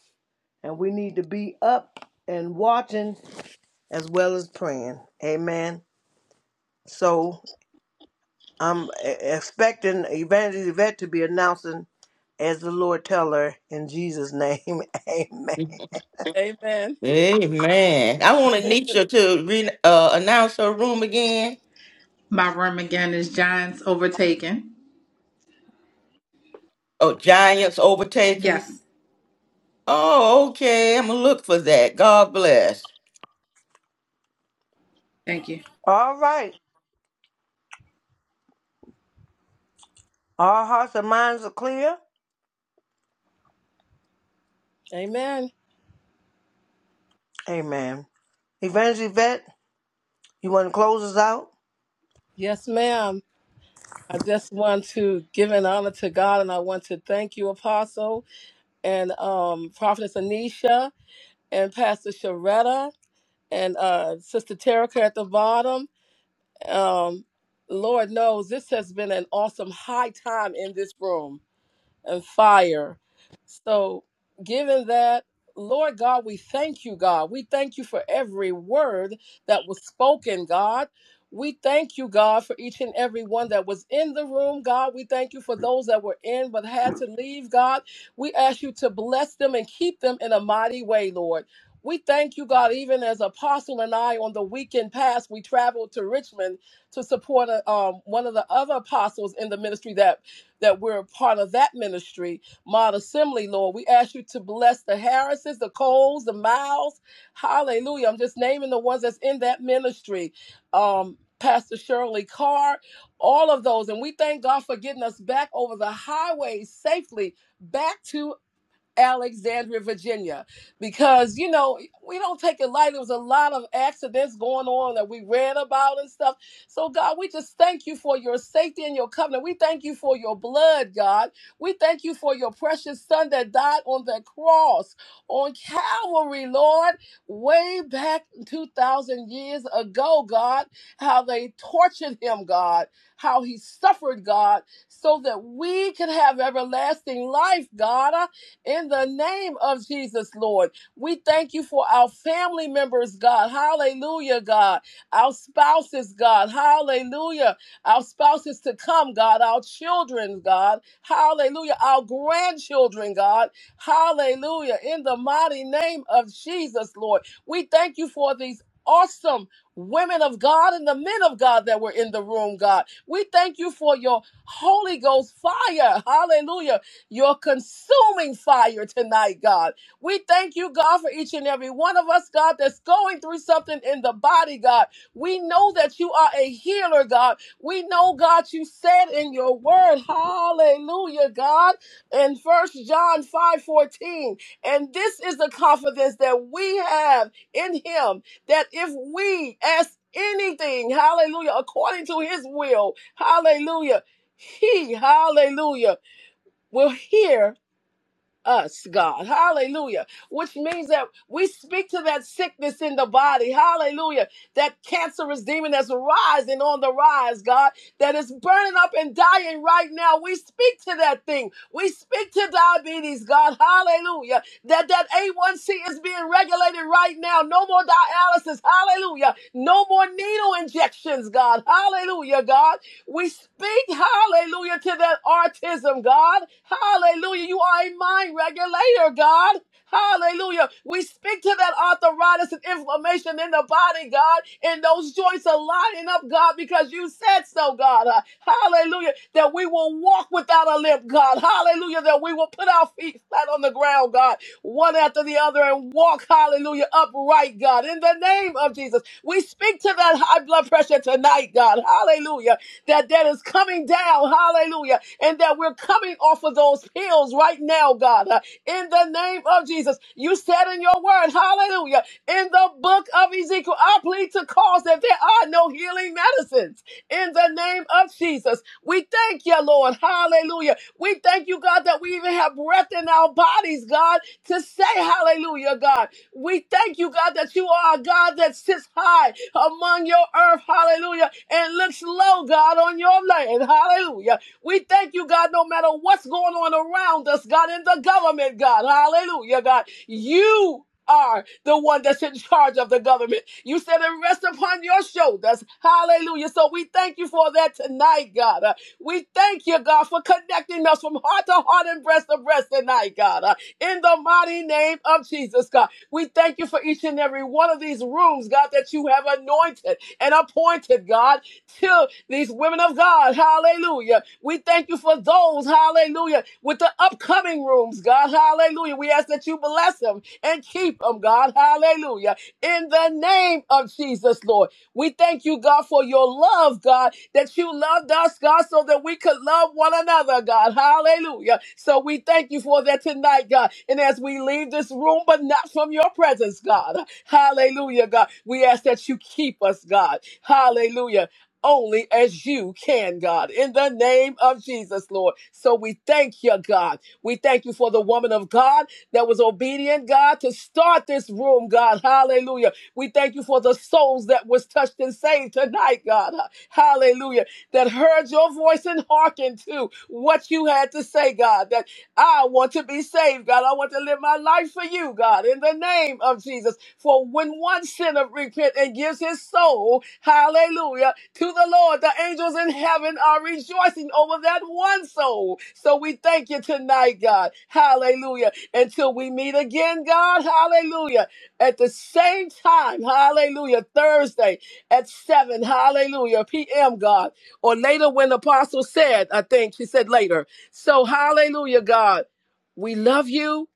A: and we need to be up and watching as well as praying. Amen. So I'm e- expecting Evangelist Yvette to be announcing as the Lord tell her in Jesus' name. Amen.
D: Amen.
C: Amen. I want Anisha to re- uh, announce her room again.
B: My room again is Giants overtaken.
C: Oh, Giants overtaken.
B: Yes.
C: Oh, okay. I'm going to look for that. God bless.
B: Thank you.
A: All right. Our hearts and minds are clear.
D: Amen.
A: Amen. Evangelist Yvette, you want to close us out?
D: Yes, ma'am. I just want to give an honor to God, and I want to thank you, Apostle, and um, Prophetess Anisha, and Pastor Sharetta, and uh, Sister Terica at the bottom. Um, Lord knows this has been an awesome high time in this room and fire. So, given that, Lord God, we thank you, God. We thank you for every word that was spoken, God. We thank you, God, for each and every one that was in the room, God. We thank you for those that were in but had to leave, God. We ask you to bless them and keep them in a mighty way, Lord. We thank you, God, even as Apostle and I on the weekend past, we traveled to Richmond to support uh, um, one of the other apostles in the ministry that that we're a part of that ministry, Mod Assembly, Lord. We ask you to bless the Harrises, the Coles, the Miles. Hallelujah. I'm just naming the ones that's in that ministry. Um, Pastor Shirley Carr, all of those. And we thank God for getting us back over the highway safely back to Alexandria, Virginia, because you know we don't take it lightly. There was a lot of accidents going on that we read about and stuff. So God, we just thank you for your safety and your covenant. We thank you for your blood, God. We thank you for your precious Son that died on the cross on Calvary, Lord, way back two thousand years ago, God. How they tortured him, God. How he suffered, God, so that we could have everlasting life, God in the name of Jesus, Lord, we thank you for our family members, God. Hallelujah, God. Our spouses, God. Hallelujah. Our spouses to come, God. Our children, God. Hallelujah. Our grandchildren, God. Hallelujah. In the mighty name of Jesus, Lord, we thank you for these awesome women of God and the men of God that were in the room, God. We thank you for your Holy Ghost fire. Hallelujah your consuming fire tonight, God. We thank you, God, for each and every one of us, God, that's going through something in the body, God. We know that you are a healer, God. We know, God, you said in your word, hallelujah, God, in First John 5 14, And this is the confidence that we have in him that if we ask anything, hallelujah, according to his will, hallelujah, he, hallelujah, will hear us, God. Hallelujah. Which means that we speak to that sickness in the body. Hallelujah. That cancerous demon that's rising on the rise, God, that is burning up and dying right now. We speak to that thing. We speak to diabetes, God. Hallelujah. That that A1C is being regulated right now. No more dialysis. Hallelujah. No more needle injections, God. Hallelujah, God. We speak, hallelujah, to that autism, God. Hallelujah. You are a mind regulator, God. Hallelujah. We speak to that arthritis and inflammation in the body, God, and those joints are lining up, God, because you said so, God. Uh, Hallelujah. That we will walk without a limp, God. Hallelujah. That we will put our feet flat on the ground, God, one after the other and walk, hallelujah, upright, God. In the name of Jesus, we speak to that high blood pressure tonight, God. Hallelujah. That that is coming down, hallelujah, and that we're coming off of those pills right now right now, God, uh, in the name of Jesus. You said in your word, hallelujah, in the book of Ezekiel, I plead to cause that there are no healing medicines in the name of Jesus. We thank you, Lord, hallelujah. We thank you, God, that we even have breath in our bodies, God, to say hallelujah, God. We thank you, God, that you are a God that sits high among your earth, hallelujah, and looks low, God, on your land, hallelujah. We thank you, God, no matter what's going on around us, God, in the government, God. Hallelujah, God. You are the one that's in charge of the government. You said it rest upon your shoulders. Hallelujah. So we thank you for that tonight, God. Uh, we thank you, God, for connecting us from heart to heart and breast to breast tonight, God. Uh, in the mighty name of Jesus, God. We thank you for each and every one of these rooms, God, that you have anointed and appointed, God, to these women of God hallelujah. We thank you for those, hallelujah, with the upcoming rooms, God, hallelujah. We ask that you bless them and keep them, God, hallelujah. In the name of Jesus, Lord, we thank you, God, for your love, God, that you loved us, God, so that we could love one another, God, hallelujah. So we thank you for that tonight, God. And as we leave this room, but not from your presence, God, hallelujah, God, we ask that you keep us, God, hallelujah only as you can, God, in the name of Jesus, Lord. So we thank you, God. We thank you for the woman of God that was obedient, God, to start this room, God. Hallelujah. We thank you for the souls that was touched and saved tonight, God. Hallelujah. That heard your voice and hearkened to what you had to say, God. That I want to be saved, God. I want to live my life for you, God, in the name of Jesus. For when one sinner repents and gives his soul, hallelujah, to the Lord, the angels in heaven are rejoicing over that one soul. So we thank you tonight, God. Hallelujah. Until we meet again, God, hallelujah. At the same time, hallelujah, Thursday at 7, hallelujah, p.m., God. Or later when the apostle said, I think she said later. So, hallelujah, God. We love you.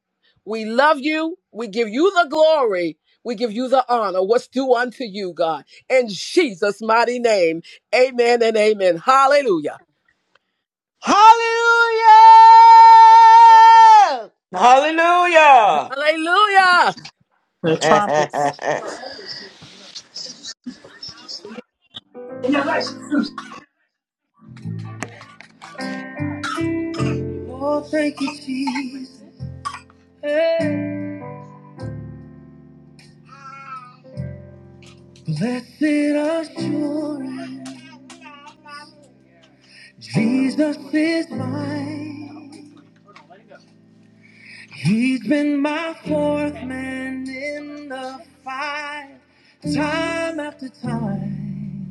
D: We love you. We give you the glory. We give you the honor. What's due unto you, God? In Jesus' mighty name. Amen and amen. Hallelujah.
A: Hallelujah!
C: Hallelujah.
D: Hallelujah.
A: Oh, thank you, Jesus. Blessed assurance. Jesus is mine. He's been my fourth man in the fight, time after time.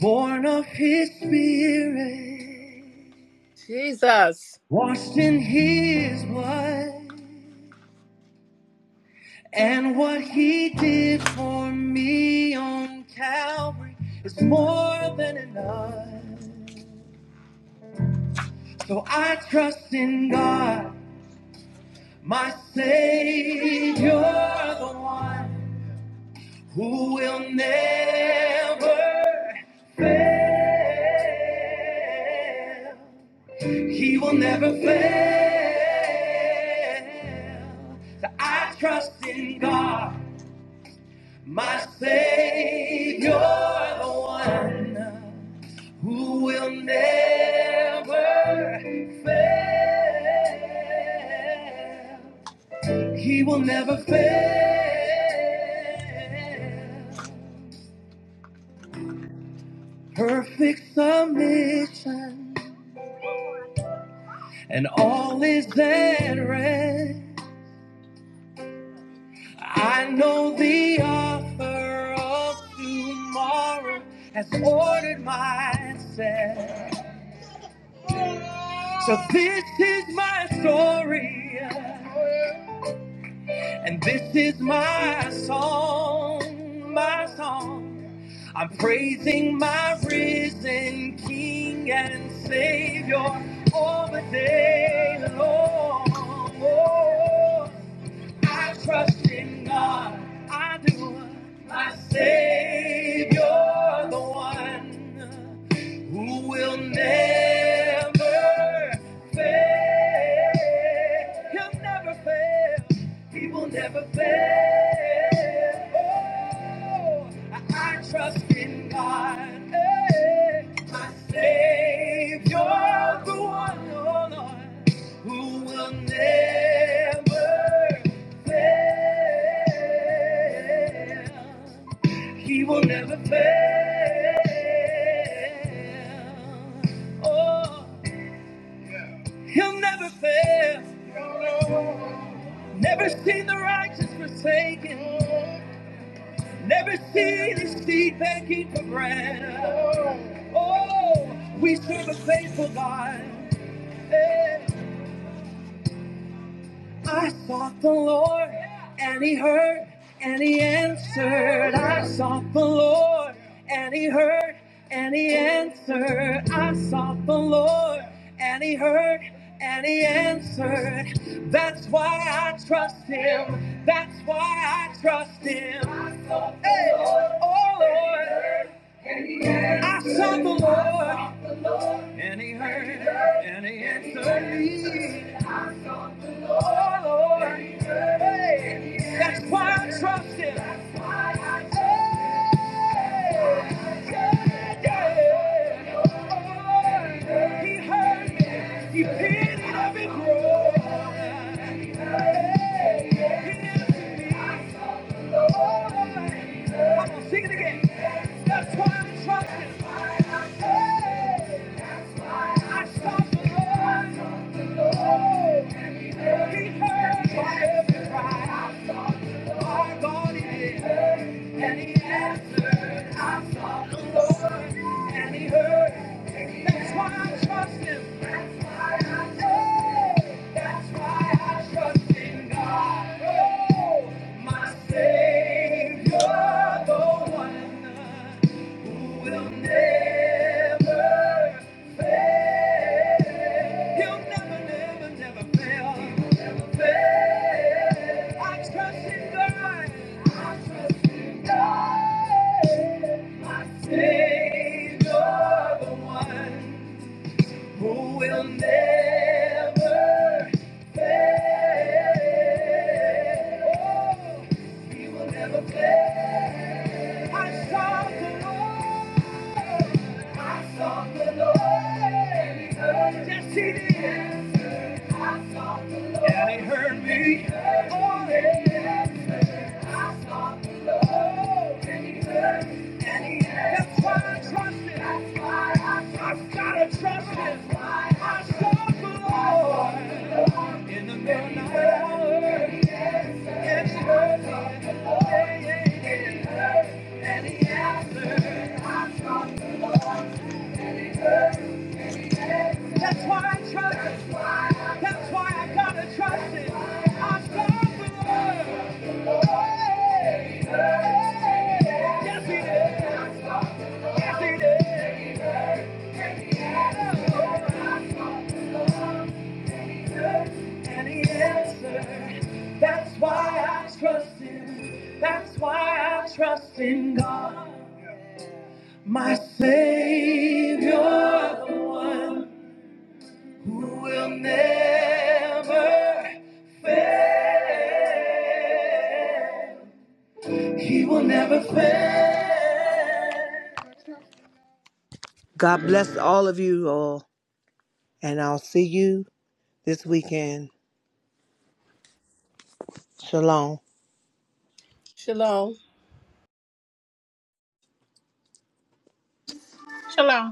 A: Born of his spirit,
D: Jesus.
A: washed in his blood, and what he did for me on Calvary is more than enough. So I trust in God. My Savior, the one who will never fail. He will never fail. So I trust in God, my Savior, the one who will never fail. He will never fail. Perfect submission, and all is at rest. I know the author of tomorrow has ordered my steps. So this is my story. And this is my song, my song. I'm praising my risen King and Savior all the day long. Oh. I trust in God. I do. My Savior, the one who will never fail. He'll never fail. He will never fail. Oh, I, trust in God. Hey, my Savior, the one, oh Lord who will never fail. He will never fail. Oh, he'll never fail. Never seen the righteous forsaken. Never seen his seed begging for bread. Oh, we serve a faithful God. Eh. I sought the Lord, and He heard, and He answered. I sought the Lord, and He heard, and He answered. I sought the Lord, and He heard, and He answered. That's why I trust Him. That's why I trust Him. Hey, oh Lord, I sought the Lord, and He heard, and He answered me. Lord. Hey, that's why I trust Him. He heard me. He picked it up and He answered me. Come on, sing it again. That's why I'm trusting. I sought the Lord. He heard my every cry. My God, he did. And he answered, I saw the Lord, and he heard. That's why I trust him. That's why I trust him. That's why I trust in God. Oh, my Savior, the one who will never, he'll never, never, never fail. He'll fail. I trust in God. I trust in Savior, the one. who will never fail. Oh, he will never fail. I sought the Lord. I sought the Lord. And he heard. me. Yes, he did. Yes, sir. I sought the Lord. And he heard me. He heard me. Oh, yes. That's why I trust it. That's why I gotta trust it. I saw the Lord. Yes, he did. Yes, he did. any answer. That's why I trust Him. That's why I trust in God. My Savior, the one who will never fail. He will never fail. God bless all of you all, and I'll see you this weekend. Shalom.
D: Shalom.
B: Shalom.